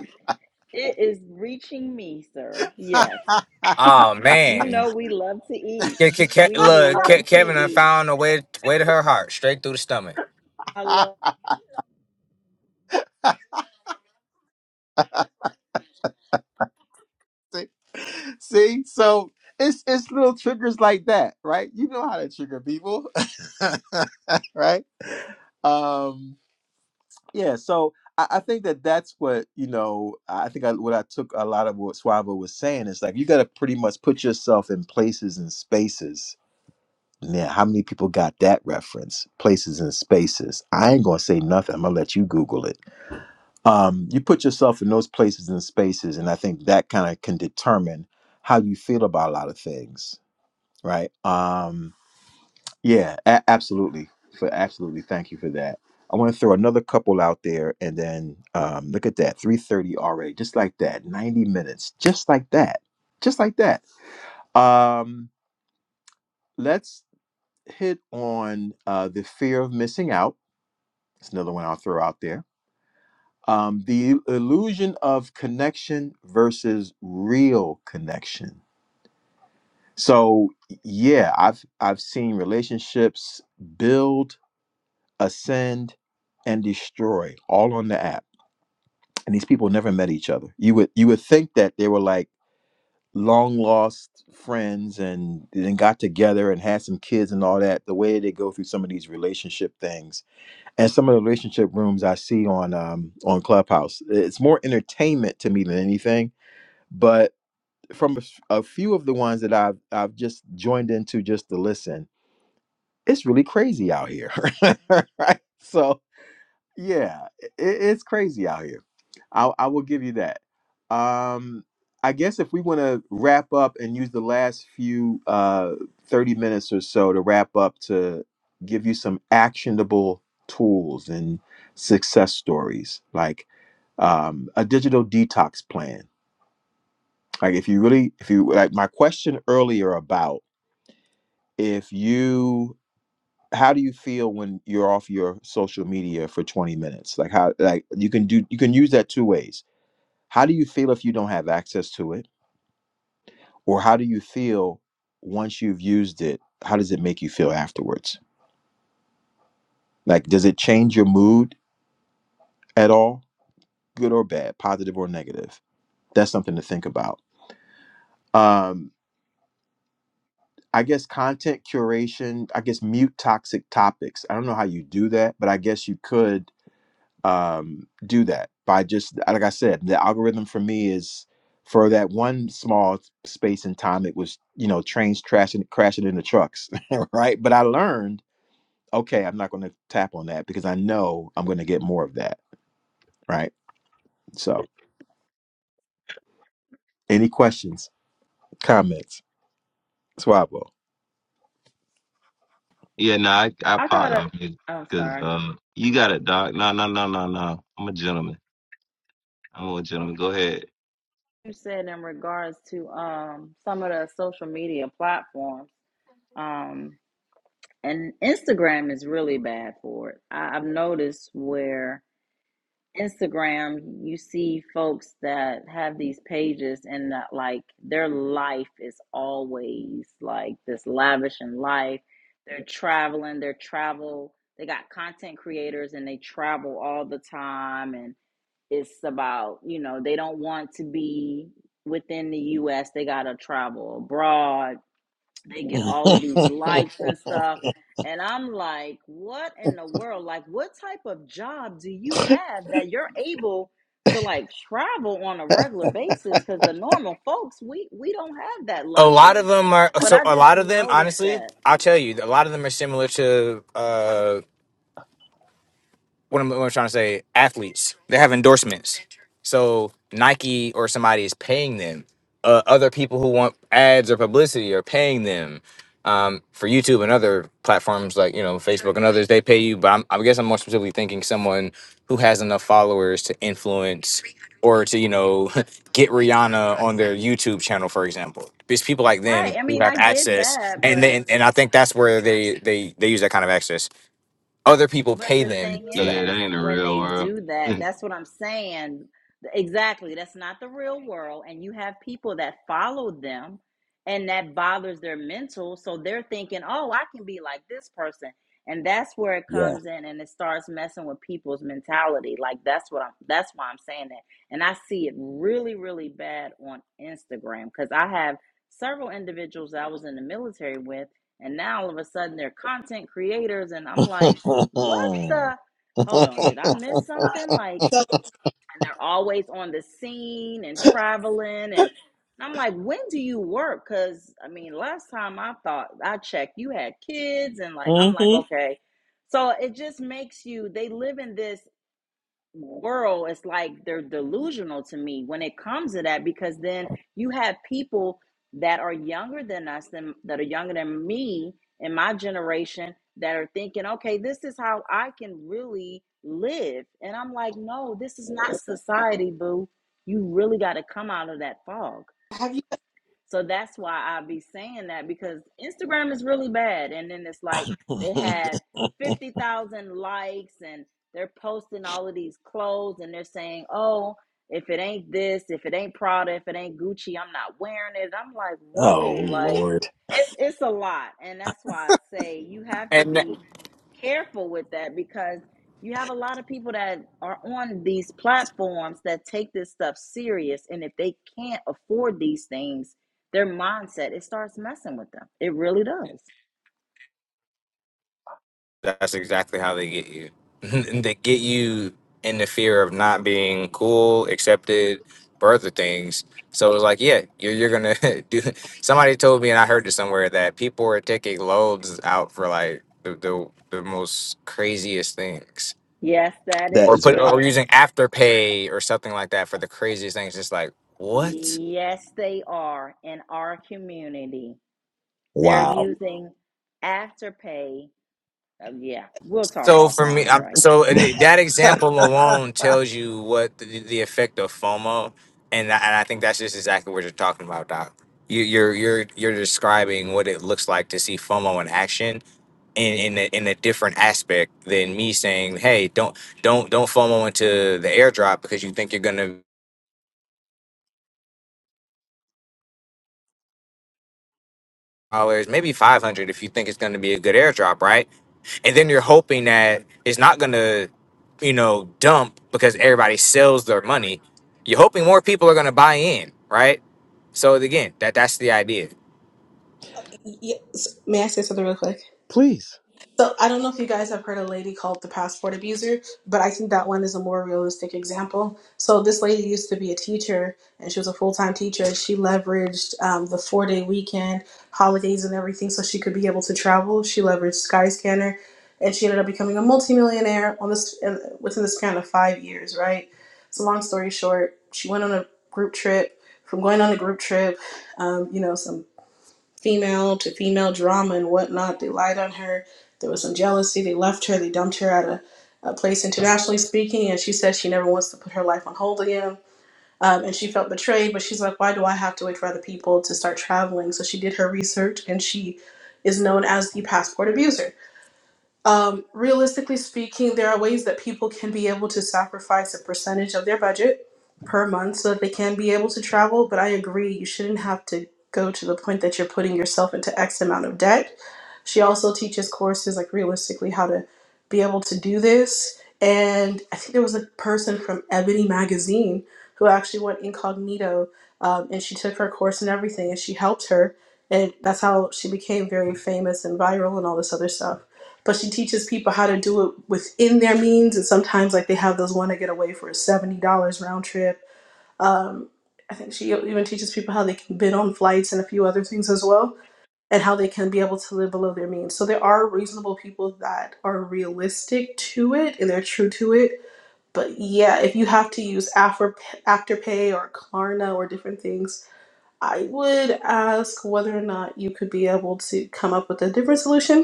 B: It is reaching me, sir. Yes.
E: Oh
B: You know
E: man,
B: we love to eat.
E: Ke- Ke- Ke-
B: We
E: look, Ke-
B: love to
E: Kevin, I
B: eat.
E: found a way way to her heart, straight through the stomach.
B: I love
A: [laughs] see, see, so it's it's little triggers like that, right? You know how to trigger people, [laughs] right? Um, Yeah, so I, I think that that's what you know. I think I, what I took a lot of what Swavo was saying is like you got to pretty much put yourself in places and spaces. Now, how many people got that reference? Places and spaces. I ain't gonna say nothing. I'm gonna let you Google it. Um, you put yourself in those places and spaces, and I think that kind of can determine how you feel about a lot of things, right? Um, yeah, a- absolutely. For absolutely, thank you for that. I want to throw another couple out there, and then um, look at that, three thirty already, just like that, ninety minutes, just like that, just like that. Um, let's hit on uh, the fear of missing out. It's another one I'll throw out there. Um, the illusion of connection versus real connection. So yeah, I've I've seen relationships build ascend and destroy all on the app and these people never met each other you would you would think that they were like long lost friends and then got together and had some kids and all that the way they go through some of these relationship things and some of the relationship rooms i see on um on clubhouse it's more entertainment to me than anything but from a, s- a few of the ones that i've i've just joined into just to listen it's really crazy out here [laughs] right? so yeah, i- it's crazy out here. I I will give you that. Um, I guess if we want to wrap up and use the last few uh 30 minutes or so to wrap up to give you some actionable tools and success stories, like um, a digital detox plan. Like if you really, if you like my question earlier about if you how do you feel when you're off your social media for 20 minutes like how like you can do you can use that two ways how do you feel if you don't have access to it or how do you feel once you've used it how does it make you feel afterwards like does it change your mood at all good or bad positive or negative that's something to think about um i guess content curation i guess mute toxic topics i don't know how you do that but i guess you could um, do that by just like I said, the algorithm for me is for that one small space in time. It was you know trains crashing crashing into trucks, [laughs] right? But I learned okay, I'm not going to tap on that because I know I'm going to get more of that, right? So, any questions, comments, Swabo?
C: Yeah, no, I, I
B: I
C: popped
B: gotta
C: off music
B: oh
C: because
B: sorry.
C: uh, you got it, Doc. No, no, no, no, no. I'm a gentleman. I'm a gentleman. Go ahead.
B: You said in regards to um some of the social media platforms. Um and Instagram is really bad for it. I, I've noticed where Instagram, you see folks that have these pages and that like their life is always like this lavish in life. They're traveling, they're travel, they got content creators and they travel all the time and it's about, you know, they don't want to be within the US. They gotta travel abroad they get all of these likes and stuff. And I'm like, what in the world? Like, what type of job do you have that you're able to like travel on a regular basis? Because the normal folks, we we don't have that
E: A lot of
B: luxury.
E: them are
B: But
E: so.
B: I
E: A
B: just
E: lot of them,
B: noticed
E: honestly,
B: that.
E: I'll tell you. A lot of them are similar to. uh, what I'm, what I'm trying to say, athletes. They have endorsements. So Nike or somebody is paying them. Uh, other people who want ads or publicity are paying them. Um, for YouTube and other platforms like you know Facebook and others, they pay you. But I'm, I guess I'm more specifically thinking someone who has enough followers to influence or to you know [laughs] get Rihanna on their YouTube channel, for example. It's people like
B: Right.
E: them
B: I
E: who
B: mean,
E: have
B: I get
E: access,
B: that,
E: and
B: but
E: then and I think that's where they they they use that kind of access. Other people
B: But
E: pay
B: the
E: them
B: thing
E: for that.
C: Yeah, that
B: is,
C: ain't the
B: when
C: real
B: they
C: world.
B: do that,
C: [laughs]
B: that's what I'm saying. Exactly. That's not the real world. And you have people that follow them and that bothers their mental. So they're thinking, oh, I can be like this person. And that's where it
A: Yeah.
B: comes in and it starts messing with people's mentality. Like that's what I'm that's why I'm saying that. And I see it really, really bad on Instagram because I have several individuals that I was in the military with and now all of a sudden they're content creators and I'm like what the? Hold on, did I miss something? Like,
D: so
B: and they're always on the scene and traveling. And I'm like, when do you work? Because, I mean, last time I thought I checked, you had kids. And like, I'm like, okay. So it just makes you, they live in this world is like they're delusional to me when it comes to that because then you have people that are younger than us and that are younger than me in my generation that are thinking okay this is how i can really live and i'm like no this is not society boo you really got to come out of that fog
D: have you
B: so that's why I be saying that because Instagram is really bad. And then it's like they have 50,000 likes and they're posting all of these clothes and they're saying, oh, if it ain't this, if it ain't Prada, if it ain't Gucci, I'm not wearing it. I'm like,
A: Oh
B: whoa, like
A: Lord,
B: it's it's a lot. And that's why I say you have to
E: And
B: be careful with that because you have a lot of people that are on these platforms that take this stuff serious. And if they can't afford these things, their mindset, it starts messing with them. It really does.
E: that's exactly how they get you. [laughs] they get you in the fear of not being cool, accepted, or other things. So it's like, yeah, you're, you're gonna [laughs] do. Somebody told me, and I heard it somewhere that people are taking loans out for like the the, the most craziest things,
B: Yes, that
A: that
E: or
B: is
A: is
E: put
A: wild.
E: or
B: true.
E: using afterpay or something like that for the craziest things. It's like what?
B: Yes, they are in our community. They're using Afterpay. Oh, yeah, we'll talk
E: So for me,
B: offline,
E: I'm,
B: Dragon.
E: so and that example alone tells you what the, the effect of FOMO, and I- and I think that's just exactly what you're talking about, Doc. You, you're you're you're describing what it looks like to see FOMO in action, in in a, in a different aspect than me saying, "Hey, don't don't don't FOMO into the airdrop because you think you're gonna dollars, maybe five hundred if you think it's going to be a good airdrop, right? And then you're hoping that it's not going to, you know, dump because everybody sells their money. You're hoping more people are going to buy in, right? So again, that that's the idea.
D: Yes. may i say something real quick
A: Please.
D: So I don't know if you guys have heard a lady called the passport abuser, but I think that one is a more realistic example. So this lady used to be a teacher, and she was a full time teacher. She leveraged um, the four day weekend, holidays, and everything, so she could be able to travel. She leveraged Skyscanner, and she ended up becoming a multimillionaire on this in, within the span of five years. Right. So long story short, she went on a group trip. From going on a group trip, um, you know, some female to female drama and whatnot. They lied on her. There was some jealousy. They left her. They dumped her at a, a place internationally speaking, and she said she never wants to put her life on hold again. Um, and she felt betrayed, but she's like, why do I have to wait for other people to start traveling? So she did her research, and she is known as the passport abuser um, realistically speaking, there are ways that people can be able to sacrifice a percentage of their budget per month so that they can be able to travel. But I agree, you shouldn't have to go to the point that you're putting yourself into X amount of debt she also teaches courses like realistically how to be able to do this. And I think there was a person from Ebony Magazine who actually went incognito um, and she took her course and everything and she helped her. And that's how she became very famous and viral and all this other stuff. But she teaches people how to do it within their means. And sometimes, like, they have those want to get away for a $70 round trip. Um, I think she even teaches people how they can bid on flights and a few other things as well and how they can be able to live below their means. So there are reasonable people that are realistic to it and they're true to it. But yeah, if you have to use After Afterpay or Klarna or different things, I would ask whether or not you could be able to come up with a different solution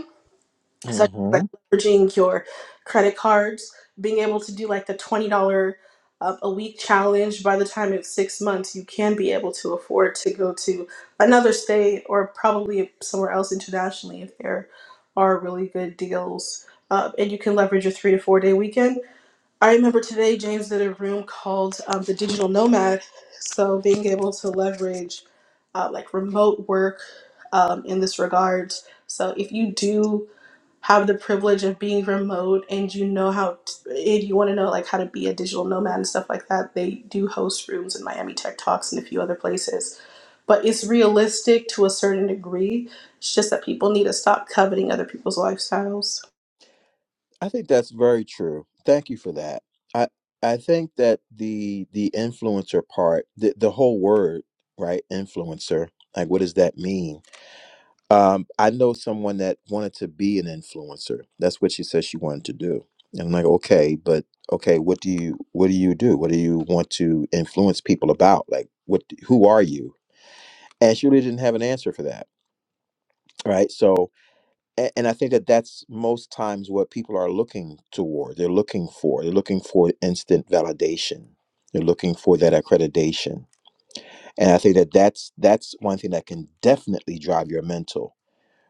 D: such as like
A: Mm-hmm.
D: leveraging your credit cards, being able to do like the twenty dollar um, a week challenge. By the time it's six months, you can be able to afford to go to another state or probably somewhere else internationally if there are really good deals. Uh, and you can leverage your three to four day weekend. I remember today James did a room called um, the Digital Nomad, so being able to leverage uh, like remote work um, in this regard. So if you do have the privilege of being remote and you know how t- and you want to know like how to be a digital nomad and stuff like that they do host rooms in miami tech talks and a few other places but it's realistic to a certain degree it's just that people need to stop coveting other people's lifestyles
A: I think that's very true. Thank you for that. I I think that the the influencer part, the the whole word, right? Influencer. Like, what does that mean? Um, I know someone that wanted to be an influencer. That's what she said she wanted to do. And I'm like, okay, but okay, what do you what do you do? What do you want to influence people about? Like, what? Who are you? and she really didn't have an answer for that right so a- and i think that that's most times what people are looking toward they're looking for they're looking for instant validation they're looking for that accreditation and i think that that's that's one thing that can definitely drive your mental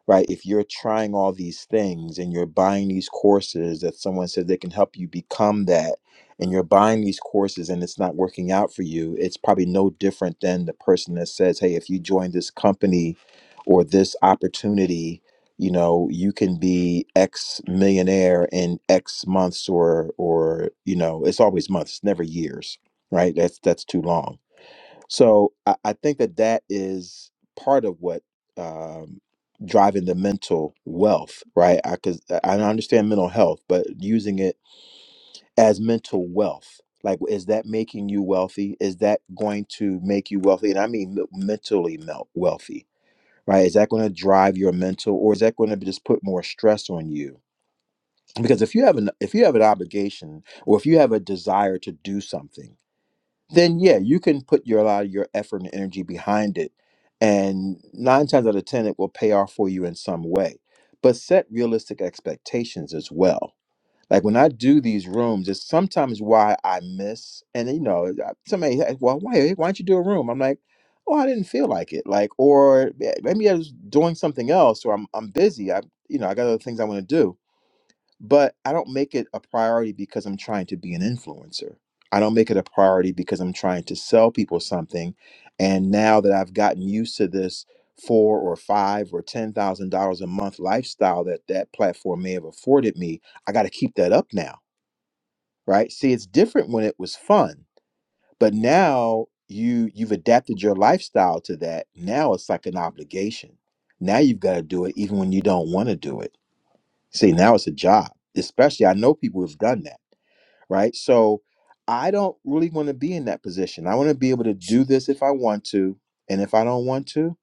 A: right? If you're trying all these things and you're buying these courses that someone says they can help you become that, and you're buying these courses and it's not working out for you, it's probably no different than the person that says, hey, if you join this company or this opportunity, you know, you can be X millionaire in X months or or you know, it's always months, never years, right? That's that's too long so I, I think that that is part of what um, driving the mental wealth, right? Because I, 'cause I I understand mental health, but using it as mental wealth, like is that making you wealthy? Is that going to make you wealthy? And I mean me- mentally mel- wealthy, right? Is that going to drive your mental, or is that going to just put more stress on you? Because if you have an if you have an obligation, or if you have a desire to do something then yeah, you can put your a lot of your effort and energy behind it, and nine times out of ten, it will pay off for you in some way. But set realistic expectations as well. Like when I do these rooms, it's sometimes why I miss, and you know, I- somebody, hey, well, why why don't you do a room? I'm like, oh, I didn't feel like it, like, or "Yeah, maybe I was doing something else, or I'm I'm busy. I you know I got other things I want to do but I don't make it a priority because I'm trying to be an influencer. I don't make it a priority because I'm trying to sell people something. And now that I've gotten used to this four or five or ten thousand dollars a month lifestyle that that platform may have afforded me, I got to keep that up now, right? See, it's different when it was fun, but now you you've adapted your lifestyle to that. Now it's like an obligation. Now you've got to do it even when you don't want to do it See, now it's a job. Especially, I know people who've done that, right? So I don't really want to be in that position. I want to be able to do this if I want to. And if I don't want to,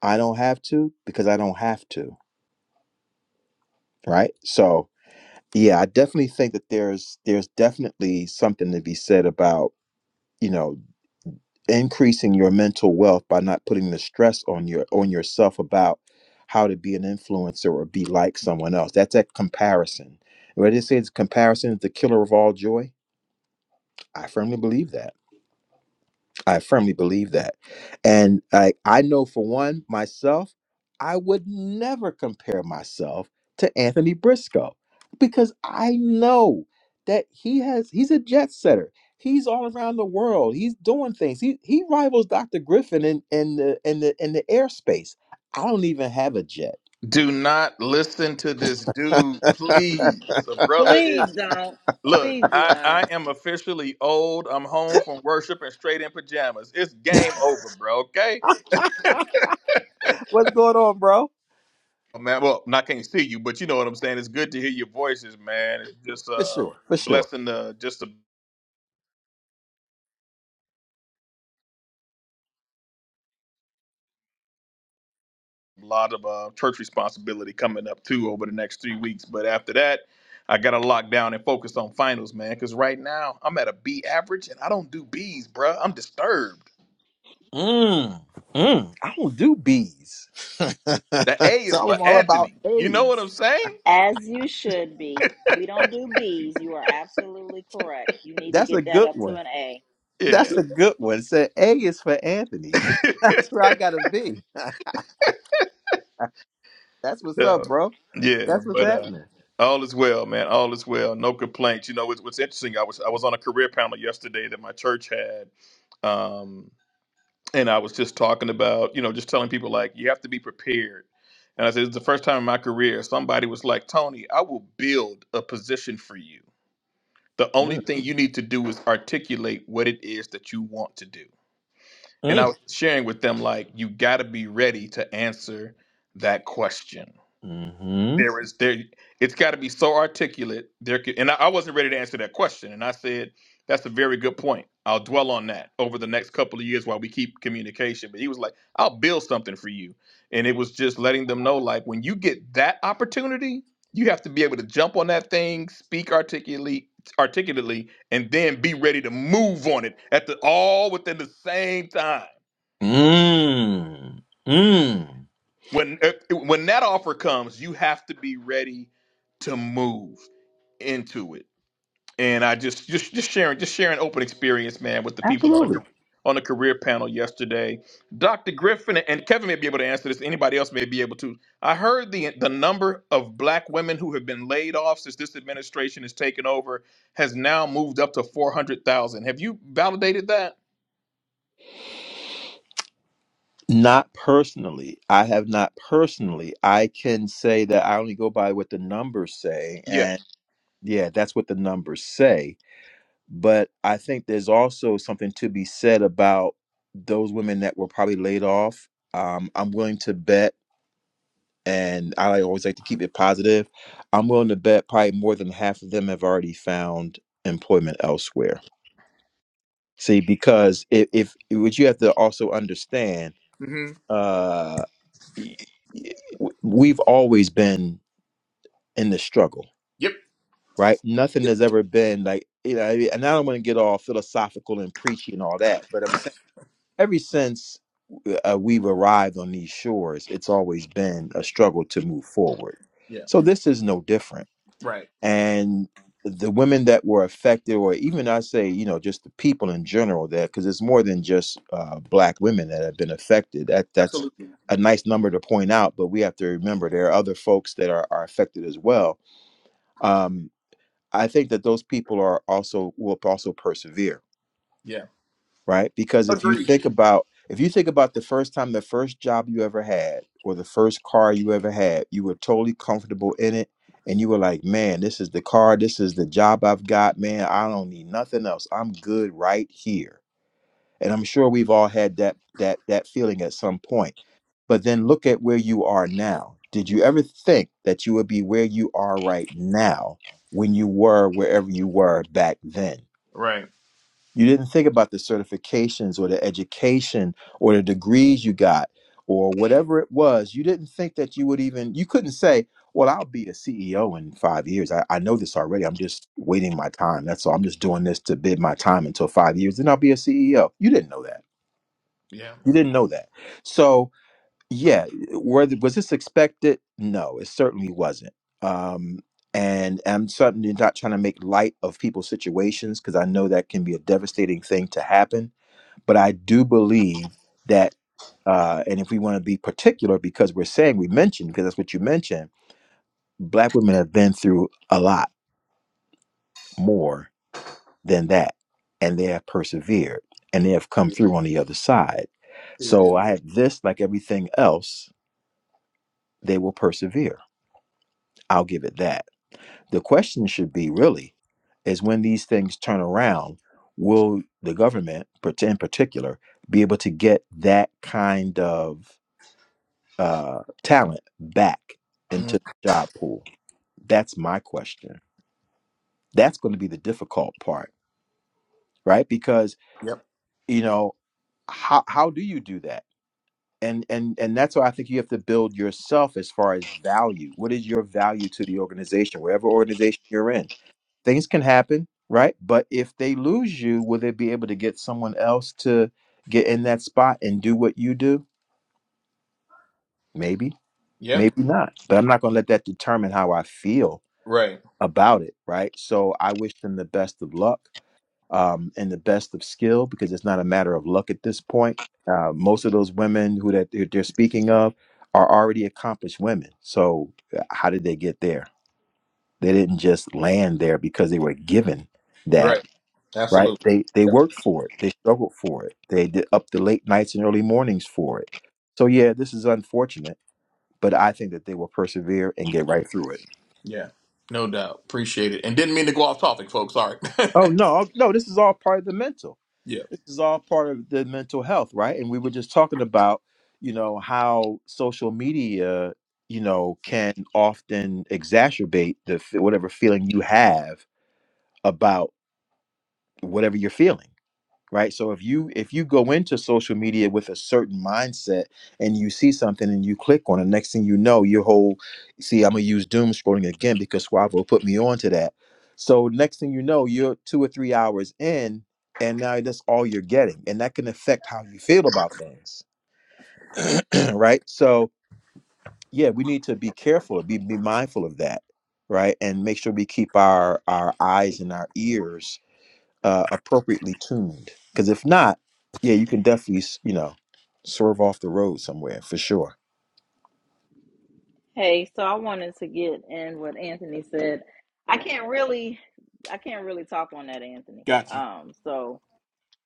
A: I don't have to because I don't have to, right? So yeah, I definitely think that there's there's definitely something to be said about, you know, increasing your mental wealth by not putting the stress on your on yourself about how to be an influencer or be like someone else. That's that comparison. What they say is comparison is the killer of all joy. I firmly believe that I firmly believe that. And I, I know for one, myself, I would never compare myself to Anthony Briscoe because I know that he has he's a jet setter. He's all around the world. He's doing things. He he rivals Dr. Griffin in, in the in the in the airspace. I don't even have a jet.
G: Do not listen to this dude, please. A brother
B: Please
G: is
B: don't.
G: look,
B: Please do
G: I,
B: not.
G: I am officially old. I'm home from worship and straight in pajamas. It's game over, bro. Okay.
A: What's going on, bro?
G: Oh, man, well, I can't see you, but you know what I'm saying. It's good to hear your voices, man. It's just
A: For
G: uh
A: sure. For sure.
G: blessing The just a lot of uh church responsibility coming up too over the next three weeks. But after that, I gotta lock down and focus on finals, man. Cause right now I'm at a B average and I don't do B's, bro. I'm disturbed.
A: Mm, mm, I don't do B's. [laughs] so
G: The A is for
A: I'm all about
G: Anthony. You know what
A: A's.
G: I'm saying?
B: As you should be. We don't do B's. You are absolutely correct. You need to
A: That's
B: get
A: a
B: that
A: good
B: up to
A: one.
B: an A.
A: That's
G: Yeah.
A: a good one. So A is for Anthony. [laughs]
G: [laughs]
A: That's where I gotta be. That's what's up,
G: yeah.
A: bro.
G: Yeah,
A: That's what's
G: but uh,
A: happening.
G: all is well, man. All is well. No complaints. You know, it's, what's interesting, I was I was on a career panel yesterday that my church had, um, and I was just talking about, you know, just telling people like you have to be prepared. And I said it's the first time in my career somebody was like, Tony, I will build a position for you. The only
A: Mm,
G: thing you need to do is articulate what it is that you want to do and I
A: mm,
G: was sharing with them like you got to be ready to answer that question.
A: mhm,
G: There is there it's got to be so articulate. There could, and I, I wasn't ready to answer that question, and I said that's a very good point. I'll dwell on that over the next couple of years while we keep communication. But he was like, "I'll build something for you," and it was just letting them know like when you get that opportunity, you have to be able to jump on that thing, speak articulately, articulately, and then be ready to move on it at the all within the same time
A: mm, mm.
G: when eh, when that offer comes, you have to be ready to move into it. And I just just just sharing just sharing open experience, man, with the people on the
A: Absolutely.
G: ca- on the career panel yesterday. Dr. Griffin and Kevin may be able to answer this. Anybody else may be able to. I heard the the number of black women who have been laid off since this administration has taken over has now moved up to four hundred thousand. Have you validated that?
A: Not personally. I have not personally. I can say that I only go by what the numbers say.
G: Yeah.
A: And yeah, that's what the numbers say. But I think there's also something to be said about those women that were probably laid off. Um, I'm willing to bet and I like- always like to keep it positive. I'm willing to bet probably more than half of them have already found employment elsewhere. See, because if, if what you have to also understand,
G: hmm
A: uh, y- y- w- we've always been in the struggle,
G: Yep.
A: right? Nothing has ever been like you know. And I don't want to get all philosophical and preachy and all that, but I'm saying ever since uh, we've arrived on these shores, it's always been a struggle to move forward.
G: Yeah.
A: So this is no different
G: Right.
A: and the women that were affected or even i say you know just the people in general that, because it's more than just uh, black women that have been affected that that's
G: Absolutely.
A: a nice number to point out but we have to remember there are other folks that are, are affected as well um, i think that those people are also will also persevere
G: Yeah.
A: right? Because if you
G: Agreed.
A: think about if you think about the first time the first job you ever had or the first car you ever had, you were totally comfortable in it and you were like, "Man, this is the car, this is the job I've got, man. I don't need nothing else. I'm good right here." And I'm sure we've all had that that that feeling at some point. But then look at where you are now. Did
G: Yeah.
A: you ever think that you would be where you are right now when you were wherever you were back then?
G: Right.
A: You didn't think about the certifications or the education or the degrees you got or whatever it was. You didn't think that you would even, you couldn't say, well, I'll be a CEO in five years. I, I know this already. I'm just waiting my time. That's all. I'm just doing this to bid my time until five years. Then I'll be a CEO. You didn't know that.
G: Yeah.
A: You didn't know that. So, yeah, were th- was this expected? No, it certainly wasn't. Um, and I'm certainly not trying to make light of people's situations because I know that can be a devastating thing to happen but I do believe that, uh, and if we want to be particular, because we're saying we mentioned, because that's what you mentioned, black women have been through a lot more than that, and they have persevered and they have come through on the other side. So I have this, like everything else, they will persevere. I'll give it that. The question should be really is when these things turn around, will the government, in particular, be able to get that kind of uh, talent back into the job pool? That's my question. That's going to be the difficult part, right? Because
G: Yep.
A: you know how how do you do that? And and and that's why I think you have to build yourself as far as value. What is your value to the organization, wherever organization you're in? Things can happen, right? But if they lose you, will they be able to get someone else to get in that spot and do what you do? Maybe,
G: Yeah.
A: maybe not. But I'm not going to let that determine how I feel
G: Right.
A: about it, right? So I wish them the best of luck um, and the best of skill because it's not a matter of luck at this point. Uh, most of those women who that they're they're speaking of are already accomplished women. So uh, how did they get there? They didn't just land there because they were given that,
G: Right.
A: right?
G: Absolutely.
A: They they
G: Yep.
A: worked for it. They struggled for it. They did up the late nights and early mornings for it. So yeah, this is unfortunate, but I think that they will persevere and get right through it.
G: Yeah. No doubt. Appreciate it. And didn't mean to go off topic, folks. Sorry.
A: Oh no, no, this is all part of the mental.
G: [laughs] yeah.
A: This is all part of the mental health, right? And we were just talking about, you know, how social media, you know, can often exacerbate the f- whatever feeling you have about whatever you're feeling right so if you if you go into social media with a certain mindset and you see something and you click on it next thing you know your whole see i'm gonna use doom scrolling again because Swavo put me on to that so next thing you know you're two or three hours in and now that's all you're getting and that can affect how you feel about things [clears throat] right so yeah we need to be careful be, be mindful of that right and make sure we keep our our eyes and our ears uh, appropriately tuned. Because if not, yeah, you can definitely s- you know swerve off the road somewhere for sure.
B: Hey, so I wanted to get in what Anthony said. I can't really I can't really talk on that, Anthony.
G: Got you.
B: Um, so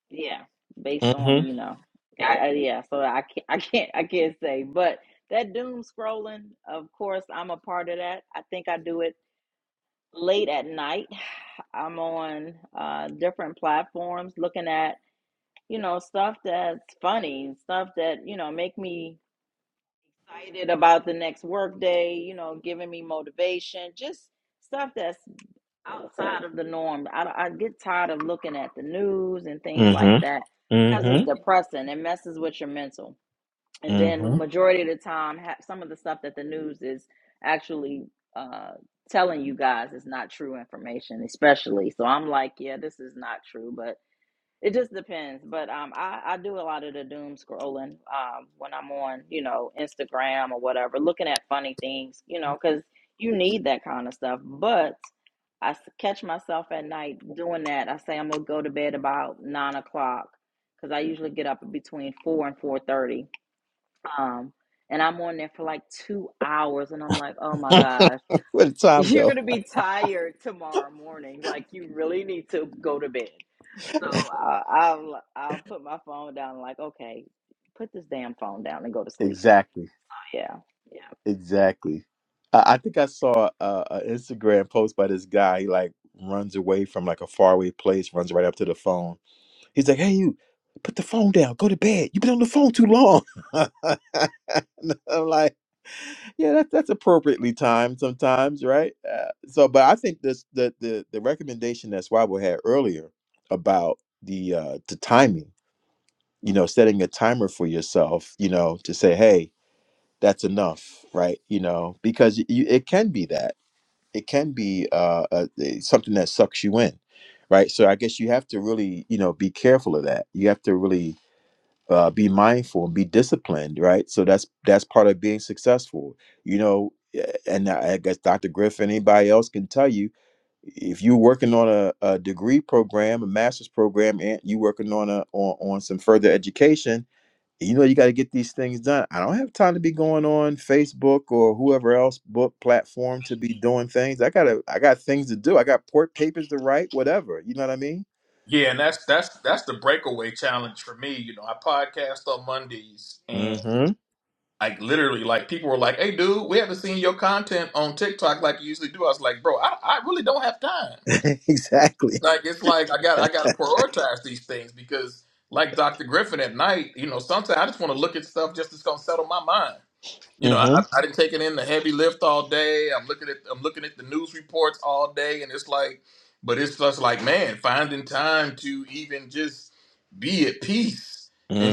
B: yeah, based on, you know, I, I, yeah, so I can't [laughs] I can't I can't say, but that doom scrolling, of course, I'm a part of that. I think I do it late at night. [sighs] I'm on uh different platforms looking at, you know, stuff that's funny, stuff that, you know, make me excited about the next workday, you know, giving me motivation, just stuff that's outside of the norm. I, I get tired of looking at the news and things like
A: Mm-hmm.
B: that because it's
A: Mm-hmm.
B: depressing. It messes with your mental. And
A: Mm-hmm.
B: then majority of the time, ha- some of the stuff that the news is actually uh, telling you guys is not true information, especially. So I'm like, yeah, this is not true, but it just depends, but um, I, I do a lot of the doom scrolling um, when I'm on, you know, Instagram or whatever, looking at funny things, you know, because you need that kind of stuff. But I s- catch myself at night doing that. I say I'm gonna go to bed about nine o'clock because I usually get up between four and four thirty, um, and I'm on there for like two hours, and I'm like, oh my gosh,
A: Where did
B: [laughs]
A: time
B: you're
A: go?
B: gonna be tired tomorrow morning. Like you really need to go to bed. So [laughs] I, I'll I'll put my phone down. and Like, okay, put this damn phone down and go to sleep.
A: Exactly,
B: Yeah, yeah.
A: exactly. I, I think I saw uh, an Instagram post by this guy. He like runs away from like a faraway place, runs right up to the phone. He's like, "Hey, you." Put the phone down. Go to bed. You've been on the phone too long. [laughs] And I'm like, Yeah, that's that's appropriately timed sometimes, right? Uh, so, but I think this the the the recommendation that Swabo had earlier about the uh the timing, you know, setting a timer for yourself, you know, to say, hey, that's enough, right? You know, because you, it can be that it can be uh a, a- something that sucks you in, right? So I guess you have to really, you know, be careful of that. You have to really uh, be mindful and be disciplined, right? So that's that's part of being successful, you know. eh, And I I guess Dr. Griffin, anybody else can tell you if you're working on a, a degree program, a master's program, and you working on a on, on some further education, you know you got to get these things done. I don't have time to be going on Facebook or whoever else book platform to be doing things. I gotta I got things to do. I got port papers to write, whatever. You know what I mean?
G: Yeah, and that's that's that's the breakaway challenge for me. You know, I podcast on Mondays and
A: Mm-hmm.
G: like literally like people were like, Hey dude, we haven't seen your content on TikTok like you usually do. I was like, bro, I, I really don't have time.
A: [laughs] exactly.
G: Like it's like I got I gotta prioritize these things because like Dr. Griffin at night, you know, sometimes I just wanna look at stuff just that's gonna settle my mind. You know, I,
A: Mm-hmm.
G: I didn't take it in the heavy lift all day. I'm looking at I'm looking at the news reports all day, and it's like, but it's just like, man, finding time to even just be at peace and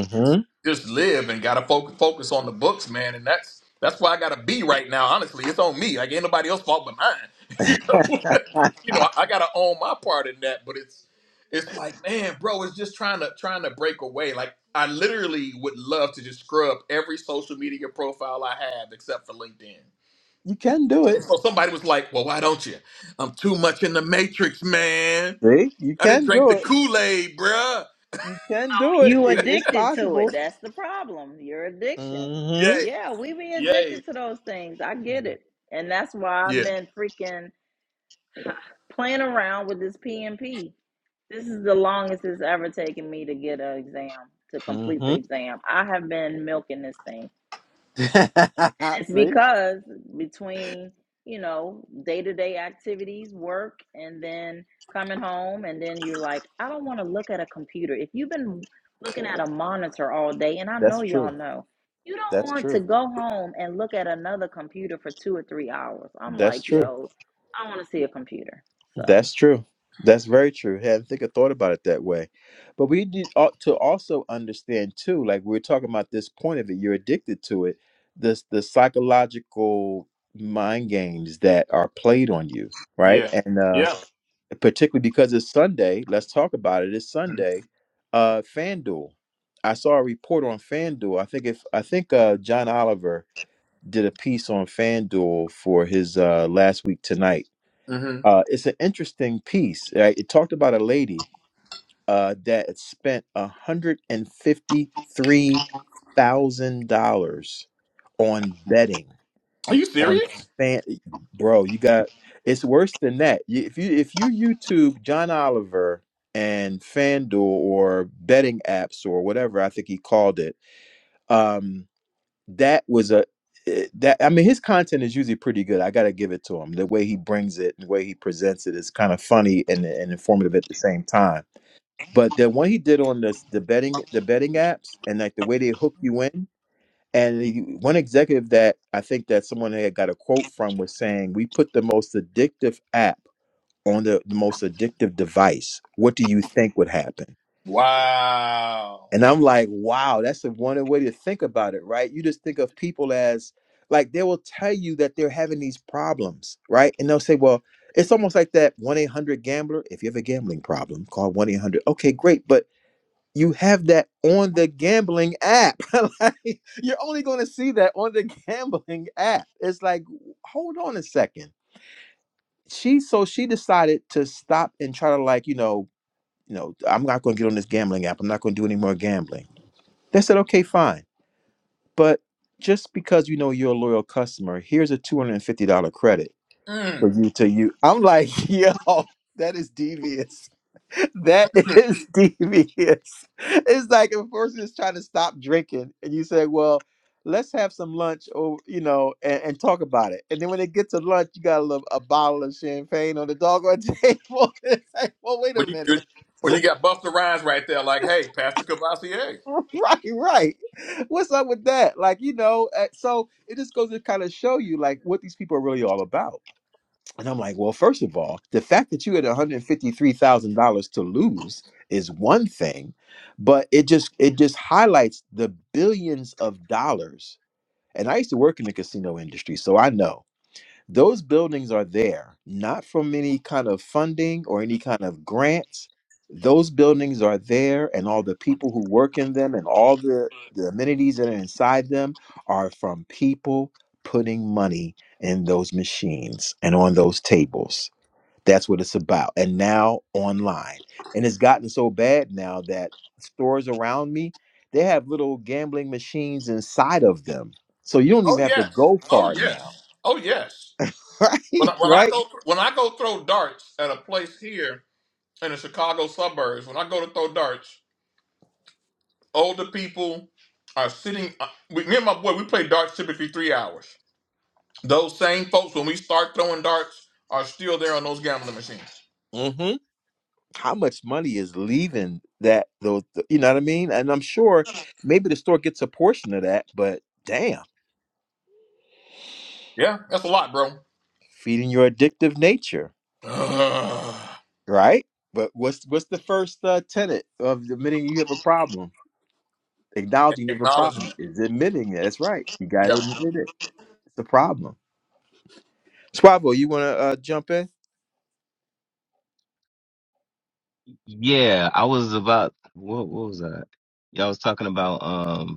G: just live and gotta focus focus on the books, man. And that's that's where I gotta be right now. Honestly, it's on me. Like ain't nobody else fault but mine. [laughs] you know, [laughs] you know, I, I gotta own my part in that. But it's it's like, man, bro, it's just trying to trying to break away. Like I literally would love to just scrub every social media profile I have except for LinkedIn.
A: You can do it
G: And so somebody was like, "Well, why don't you? I'm too much in the matrix, man.
A: See, you
G: I didn't
A: can
G: drink the
A: do it.
G: Kool Aid, bruh.
A: You can do it.
B: You
A: it it's
B: addicted to it.
A: possible.
B: That's the problem. Your addiction.
A: Mm
G: Yay,
B: Yeah, we be
G: yay,
B: addicted to those things. I get it, and that's why I've
G: yeah,
B: been freaking playing around with this PMP. This is the longest it's ever taken me to get an exam to
A: hmm.
B: complete the
A: Mm
B: exam. I have been milking this thing
A: hmm. [laughs]
B: It's
A: See,
B: because between, you know, day to day activities, work, and then coming home, and then you're like, I don't want to look at a computer. If you've been looking at a monitor all day, and I
A: that's
B: know y'all
A: true.
B: know, you don't
A: That's
B: want
A: true.
B: to go home and look at another computer for two or three hours. I'm
A: That's
B: like,
A: true.
B: yo, I want to see a computer. So.
A: That's true. That's very true. Hey, I hadn't think I thought about it that way. But we need al- to also understand too, like we are talking about this point of it, you're addicted to it. This the psychological mind games that are played on you, right?
G: yeah,
A: And uh
G: yeah."
A: particularly because it's Sunday. Let's talk about it. It's Sunday. Uh, FanDuel. I saw a report on FanDuel. I think if I think uh, John Oliver did a piece on FanDuel for his uh, last week tonight.
G: hmm
A: Uh, it's an interesting piece. right? It talked about a lady uh, that spent one hundred and fifty three thousand dollars on betting
G: Are you
A: on
G: serious?
A: fan bro you got it's worse than that You- if you if you youtube john oliver and fanduel or betting apps or whatever i think he called it um that was a eh, that i mean his content is usually pretty good i gotta give it to him the way he brings it the way he presents it is kind of funny and, and informative at the same time but the one he did on this the betting the betting apps and like the way they hook you in and the, one executive that I think that someone had got a quote from was saying, "We put the most addictive app on the, the most addictive device. What do you think would happen?"
G: Wow.
A: And I'm like, "Wow, that's a one way to think about it, right? You just think of people as like they will tell you that they're having these problems, right? And they'll say, "Well, it's almost like that one eight hundred gambler. If you have a gambling problem, call one eight hundred. Okay, great, but." you have that on the gambling app. [laughs] like, you're only going to see that on the gambling app. It's like, hold on a second. She so she decided to stop and try to like, you know, you know, I'm not going to get on this gambling app. I'm not going to do any more gambling. They said, okay, fine, but just because you know you're a loyal customer, here's a two hundred and fifty dollar credit for
G: Mm.
A: you to you. I'm like, [laughs] yo, that is devious. That
G: [laughs]
A: is [laughs] devious. It's like a person is trying to stop drinking, and you say, "Well, let's have some lunch, or you know, and, and talk about it." And then when they get to lunch, you got a, little, a bottle of champagne on the doggone [laughs] table. It's like, well, wait a
G: When you when
A: minute,
G: you got Buster Rhymes right there, like, hey, Pastor Cavassier.
A: [laughs] right, right. What's up with that? Like, you know, uh, so it just goes to kind of show you like what these people are really all about And I'm like, well, first of all, the fact that you had $153,000 to lose is one thing, but it just it just highlights the billions of dollars. And I used to work in the casino industry, so I know. Those buildings are there, not from any kind of funding or any kind of grants. Those buildings are there, and all the people who work in them and all the, the amenities that are inside them are from people putting money in those machines and on those tables. That's what it's about. And now online. And it's gotten so bad now that stores around me, they have little gambling machines inside of them. So you don't even
G: Oh
A: have to
G: yes.
A: go
G: Oh
A: far now. [laughs]
G: yes. Oh yes. When I,
A: Right?
G: when I
A: Right?
G: go when I go throw darts at a place here in the Chicago suburbs, when I go to throw darts, older people are sitting. uh, We, me and my boy, we play darts typically three hours. Those same folks, when we start throwing darts, are still there on those gambling machines.
A: Mm-hmm. How much money is leaving that those? You know what I mean? And I'm sure maybe the store gets a portion of that, but damn,
G: Yeah, that's a lot, bro.
A: feeding your addictive nature,
G: [sighs]
A: right? But what's what's the first uh, tenet of admitting you have a problem? Acknowledging you have a problem
G: Acknowledgement.
A: is admitting it. That's right. You gotta
G: Yeah, I
A: admit it. It's a problem. Swavo, you want to uh, jump in?
C: yeah, I was about what? What was that? Yeah, I was talking about. um.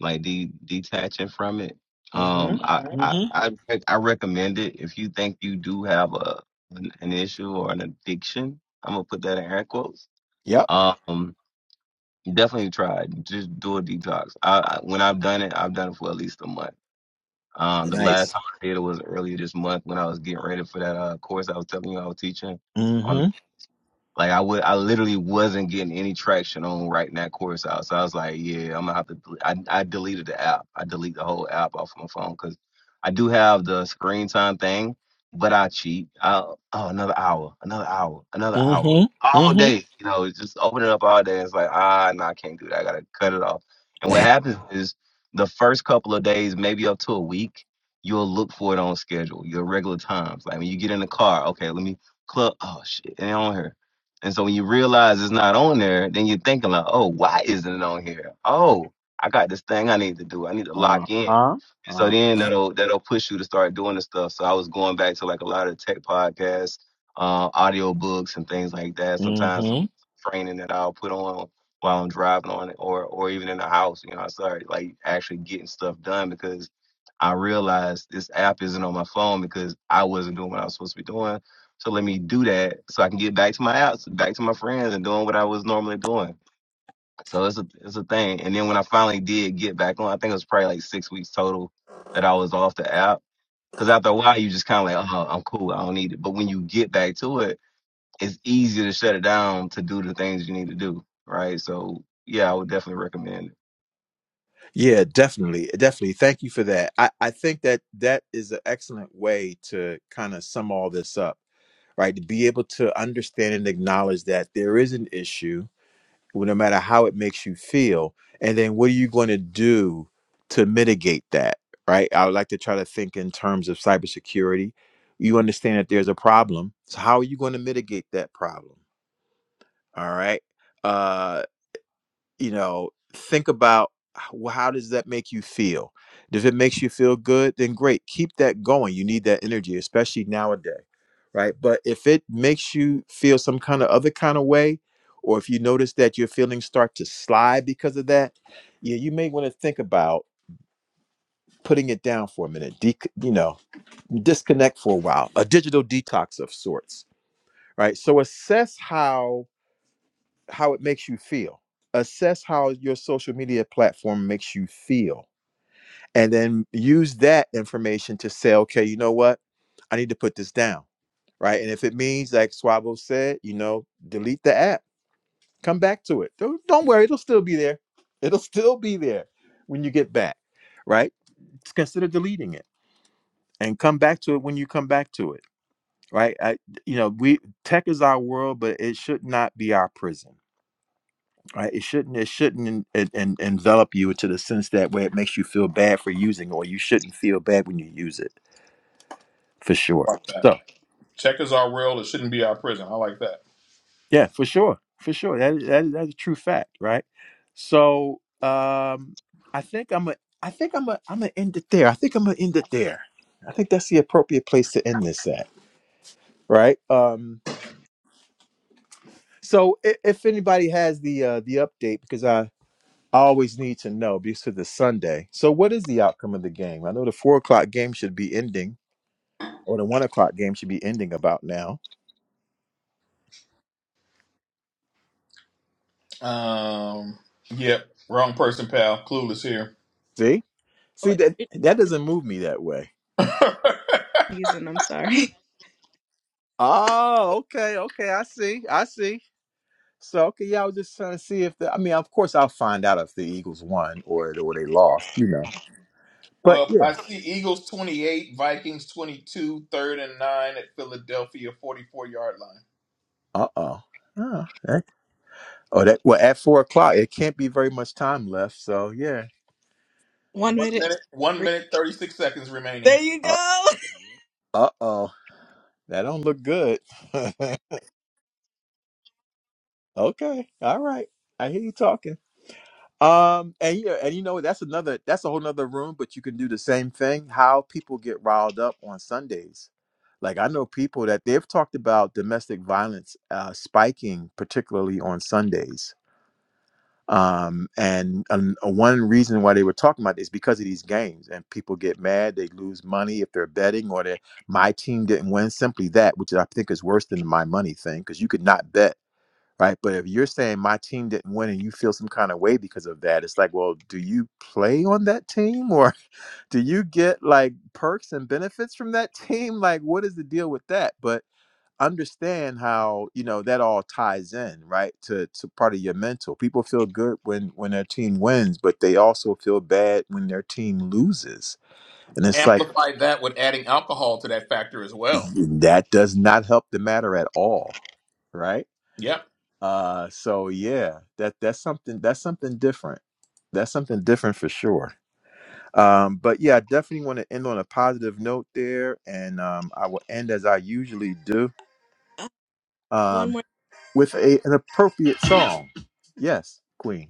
C: like de- detaching from it. Um, I,
A: Mm-hmm.
C: I
A: Mm-hmm.
C: I rec- I recommend it if you think you do have a an, an issue or an addiction. I'm gonna put that in air quotes.
A: Yep.
C: Um, definitely try it. Just do a detox. I, I when I've done it, I've done it for at least a month. Um, the last
A: Nice.
C: time I did it was earlier this month when I was getting ready for that uh, course I was telling you I was teaching. on.
A: Mm-hmm.
C: Like I would, I literally wasn't getting any traction on writing that course out. So I was like, yeah, I'm gonna have to. del- I I deleted the app. I delete the whole app off my phone because I do have the screen time thing, but I cheat. I, oh, another hour, another hour, another hour,
A: Mm-hmm.
C: all
A: Mm-hmm.
C: day. You know, it's just open it up all day. It's like ah, no, I can't do that. I gotta cut it off. And what happens is the first couple of days, maybe up to a week, you'll look for it on schedule, your regular times. Like when you get in the car, okay, let me club. Oh shit, it ain't on here and so when you realize it's not on there, then you're thinking like, oh, why isn't it on here? Oh, I got this thing I need to do. I need to lock in. So then
A: Uh-huh.
C: that'll that'll push you to start doing the stuff. So I was going back to like a lot of tech podcasts, uh, audio books and things like that. Sometimes
A: Mm-hmm.
C: training that I'll put on while I'm driving on it or or even in the house, you know, I started like actually getting stuff done because I realized this app isn't on my phone because I wasn't doing what I was supposed to be doing to let me do that so I can get back to my outs, back to my friends and doing what I was normally doing. So it's a it's a thing. And then when I finally did get back on, I think it was probably like six weeks total that I was off the app. Cause after a while you just kinda like, oh, I'm cool, I don't need it. But when you get back to it, it's easier to shut it down to do the things you need to do. Right. So yeah, I would definitely recommend it.
A: Yeah, definitely. Definitely. Thank you for that. I, I think that that is an excellent way to kind of sum all this up, right? To be able to understand and acknowledge that there is an issue well, no matter how it makes you feel. And then what are you going to do to mitigate that? Right. I would like to try to think in terms of cybersecurity. You understand that there's a problem. So how are you going to mitigate that problem? All right. Uh, you know think about how, how does that make you feel if it makes you feel good then great keep that going you need that energy especially nowadays right but if it makes you feel some kind of other kind of way or if you notice that your feelings start to slide because of that yeah you may want to think about putting it down for a minute de- you know disconnect for a while a digital detox of sorts right so assess how how it makes you feel. Assess how your social media platform makes you feel. And then use that information to say, okay, you know what? I need to put this down. Right. And if it means, like Swabo said, you know, delete the app, come back to it. Don't, don't worry, it'll still be there. It'll still be there when you get back. Right. consider deleting it and come back to it when you come back to it. Right. I, you know, we tech is our world, but it should not be our prison right? It shouldn't it shouldn't en- en- en- envelop you to the sense that where it makes you feel bad for using, or you shouldn't feel bad when you use it, for sure.
G: like that.
A: So
G: Check is our world. It shouldn't be our prison. I like that.
A: yeah, for sure, for sure, that that that's a true fact, right? So um, I think I'm a I think I'm a I'm gonna end it there. I think I'm gonna end it there. I think that's the appropriate place to end this at, right? Um, so if, if anybody has the uh, the update, because I I always need to know because of the Sunday. So, what is the outcome of the game? I know the four o'clock game should be ending, or the one o'clock game should be ending about now.
G: Um, yep. Wrong person, pal. Clueless here.
A: See, see
D: Oh,
A: that
D: it
A: that
D: is
A: doesn't move me that way.
G: [laughs]
D: season. I'm sorry.
A: Oh, okay, okay, I see, I see. So, okay, yeah, I was just trying to see if the. I mean, of course, I'll find out if the Eagles won or or they lost, you know. But
G: well,
A: yeah,
G: I see Eagles 28, Vikings 22, third and nine at Philadelphia 44 yard line.
A: uh oh, oh, that, oh, that well at four o'clock it can't be very much time left. So yeah,
D: [laughs] One
G: One
D: minute. and
G: minute, one
D: three-
G: minute, 36 seconds remaining.
D: There you go. [laughs]
A: uh oh, that don't look good. [laughs] Okay. All right. I hear you talking. Um, and yeah, and you know that's another that's a whole nother room, but you can do the same thing. How people get riled up on Sundays. Like I know people that they've talked about domestic violence uh, spiking, particularly on Sundays. Um, and um, uh, one reason why they were talking about this because of these games, and people get mad, they lose money if they're betting, or that my team didn't win. Simply that, which I think is worse than the my money thing, because you could not bet right? But if you're saying my team didn't win and you feel some kind of way because of that, it's like, well, do you play on that team or [laughs] do you get like perks and benefits from that [laughs] team? Like, what is the deal with that? But understand how you know that all ties in right to to part of your mental people feel good when when their team wins but they also feel bad when their team loses and it's like
G: Amplify that with adding alcohol to that factor as well.
A: that does not help the matter at all right
G: Yep.
A: Uh, so yeah, that that's something that's something different. That's something different for sure. Um, but yeah, I definitely want to end on a positive note there, and um, I will end as I usually do
D: Uh, One
A: um, with a, an appropriate song. Yes, Queen.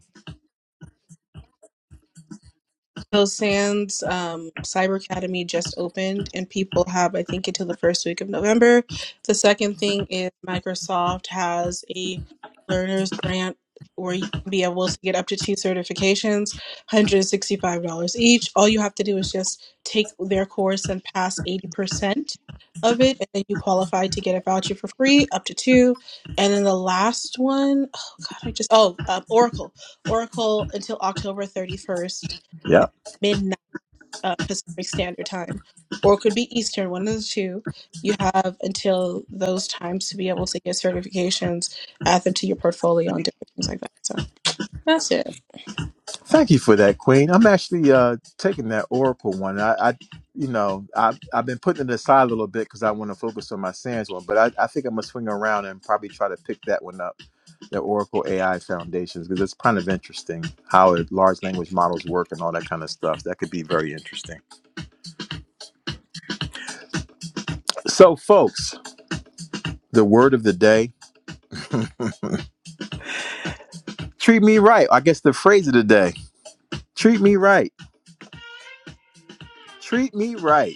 D: Hill Sands um, Cyber Academy just opened, and people have, I think, until the first week of November. The second thing is Microsoft has a learner's grant where you can be able to get up to two certifications, $165 each. All you have to do is just take their course and pass 80% of it, and then you qualify to get a voucher for free, up to two. And then the last one, oh God, I just, oh, um, Oracle. Oracle until October 31st
A: Yeah.
D: midnight uh, Pacific Standard Time, or it could be Eastern, one of the two. You have until those times to be able to get certifications, add them to your portfolio, and different things like that. So that's it.
A: Thank you for that, Queen. I'm actually uh, taking that Oracle one. I, I you know, I I've been putting it aside a little bit because I want to focus on my Sands one, but I, I think I'm gonna swing around and probably try to pick that one up the Oracle AI foundations because it's kind of interesting how it, large language models work and all that kind of stuff. That could be very interesting. So, folks, the word of the day treat me right. I guess the phrase of the day treat me right. Treat me right.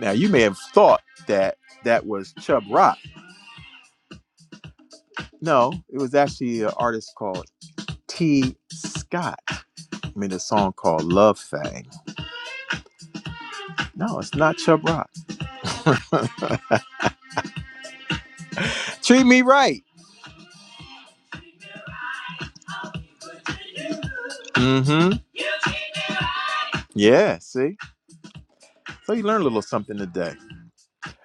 A: Now, you may have thought that that was Chub Rock. No, it was actually an artist called T. Scott. I made a song called Love Fang. No, it's not Chub Rock. Treat me right. Mm hmm. Yeah, see? So you learned a little something today.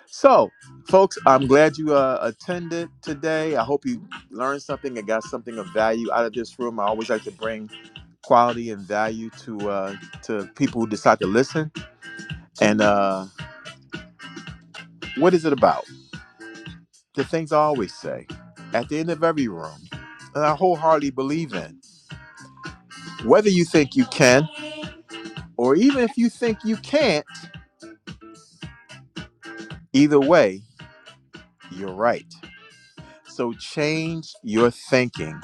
A: So, folks, I'm glad you uh, attended today. I hope you learned something and got something of value out of this room. I always like to bring quality and value to uh, to people who decide to listen. And uh, what is it about? The things I always say at the end of every room, and I wholeheartedly believe in. Whether you think you can, or even if you think you can't, either way, you're right. So change your thinking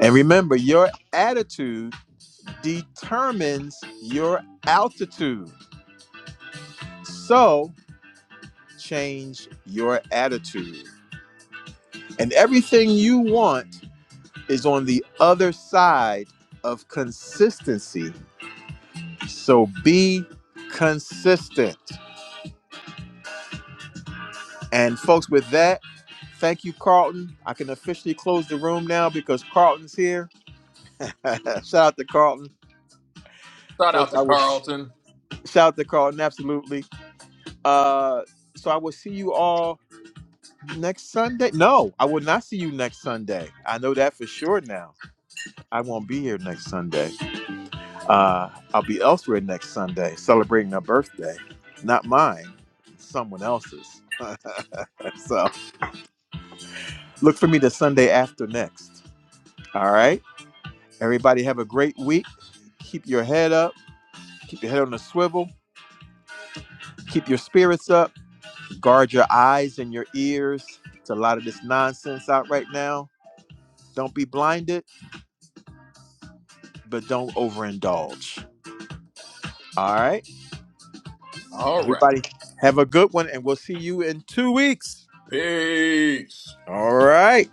A: And remember, your attitude determines your altitude. So change your attitude. And everything you want is on the other side of consistency. So be consistent. And folks, with that, thank you, Carlton. I can officially close the room now because Carlton's here. [laughs] shout out to Carlton.
G: Shout out
A: Folks,
G: to
A: I will
G: Carlton.
A: shout out to Carlton, absolutely. Uh, so I will see you all next Sunday. No, I will not see you next Sunday. I know that for sure now. I won't be here next Sunday. Uh, I'll be elsewhere next Sunday celebrating a birthday, not mine, someone else's. [laughs] so look for me the Sunday after next. All right. Everybody have a great week. Keep your head up. Keep your head on a swivel. Keep your spirits up. Guard your eyes and your ears. It's a lot of this nonsense out right now Don't be blinded, but don't overindulge. All right.
G: All right.
A: Have a good one, and we'll see you in two weeks.
G: Peace.
A: All right.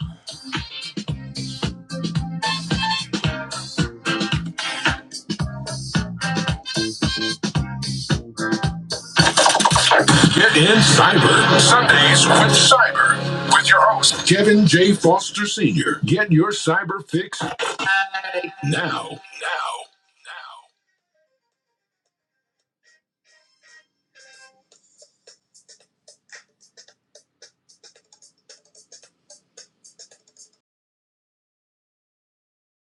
A: Get in cyber Sundays with cyber with your host Kevin J. Foster Sr. Get your cyber fix now. Now.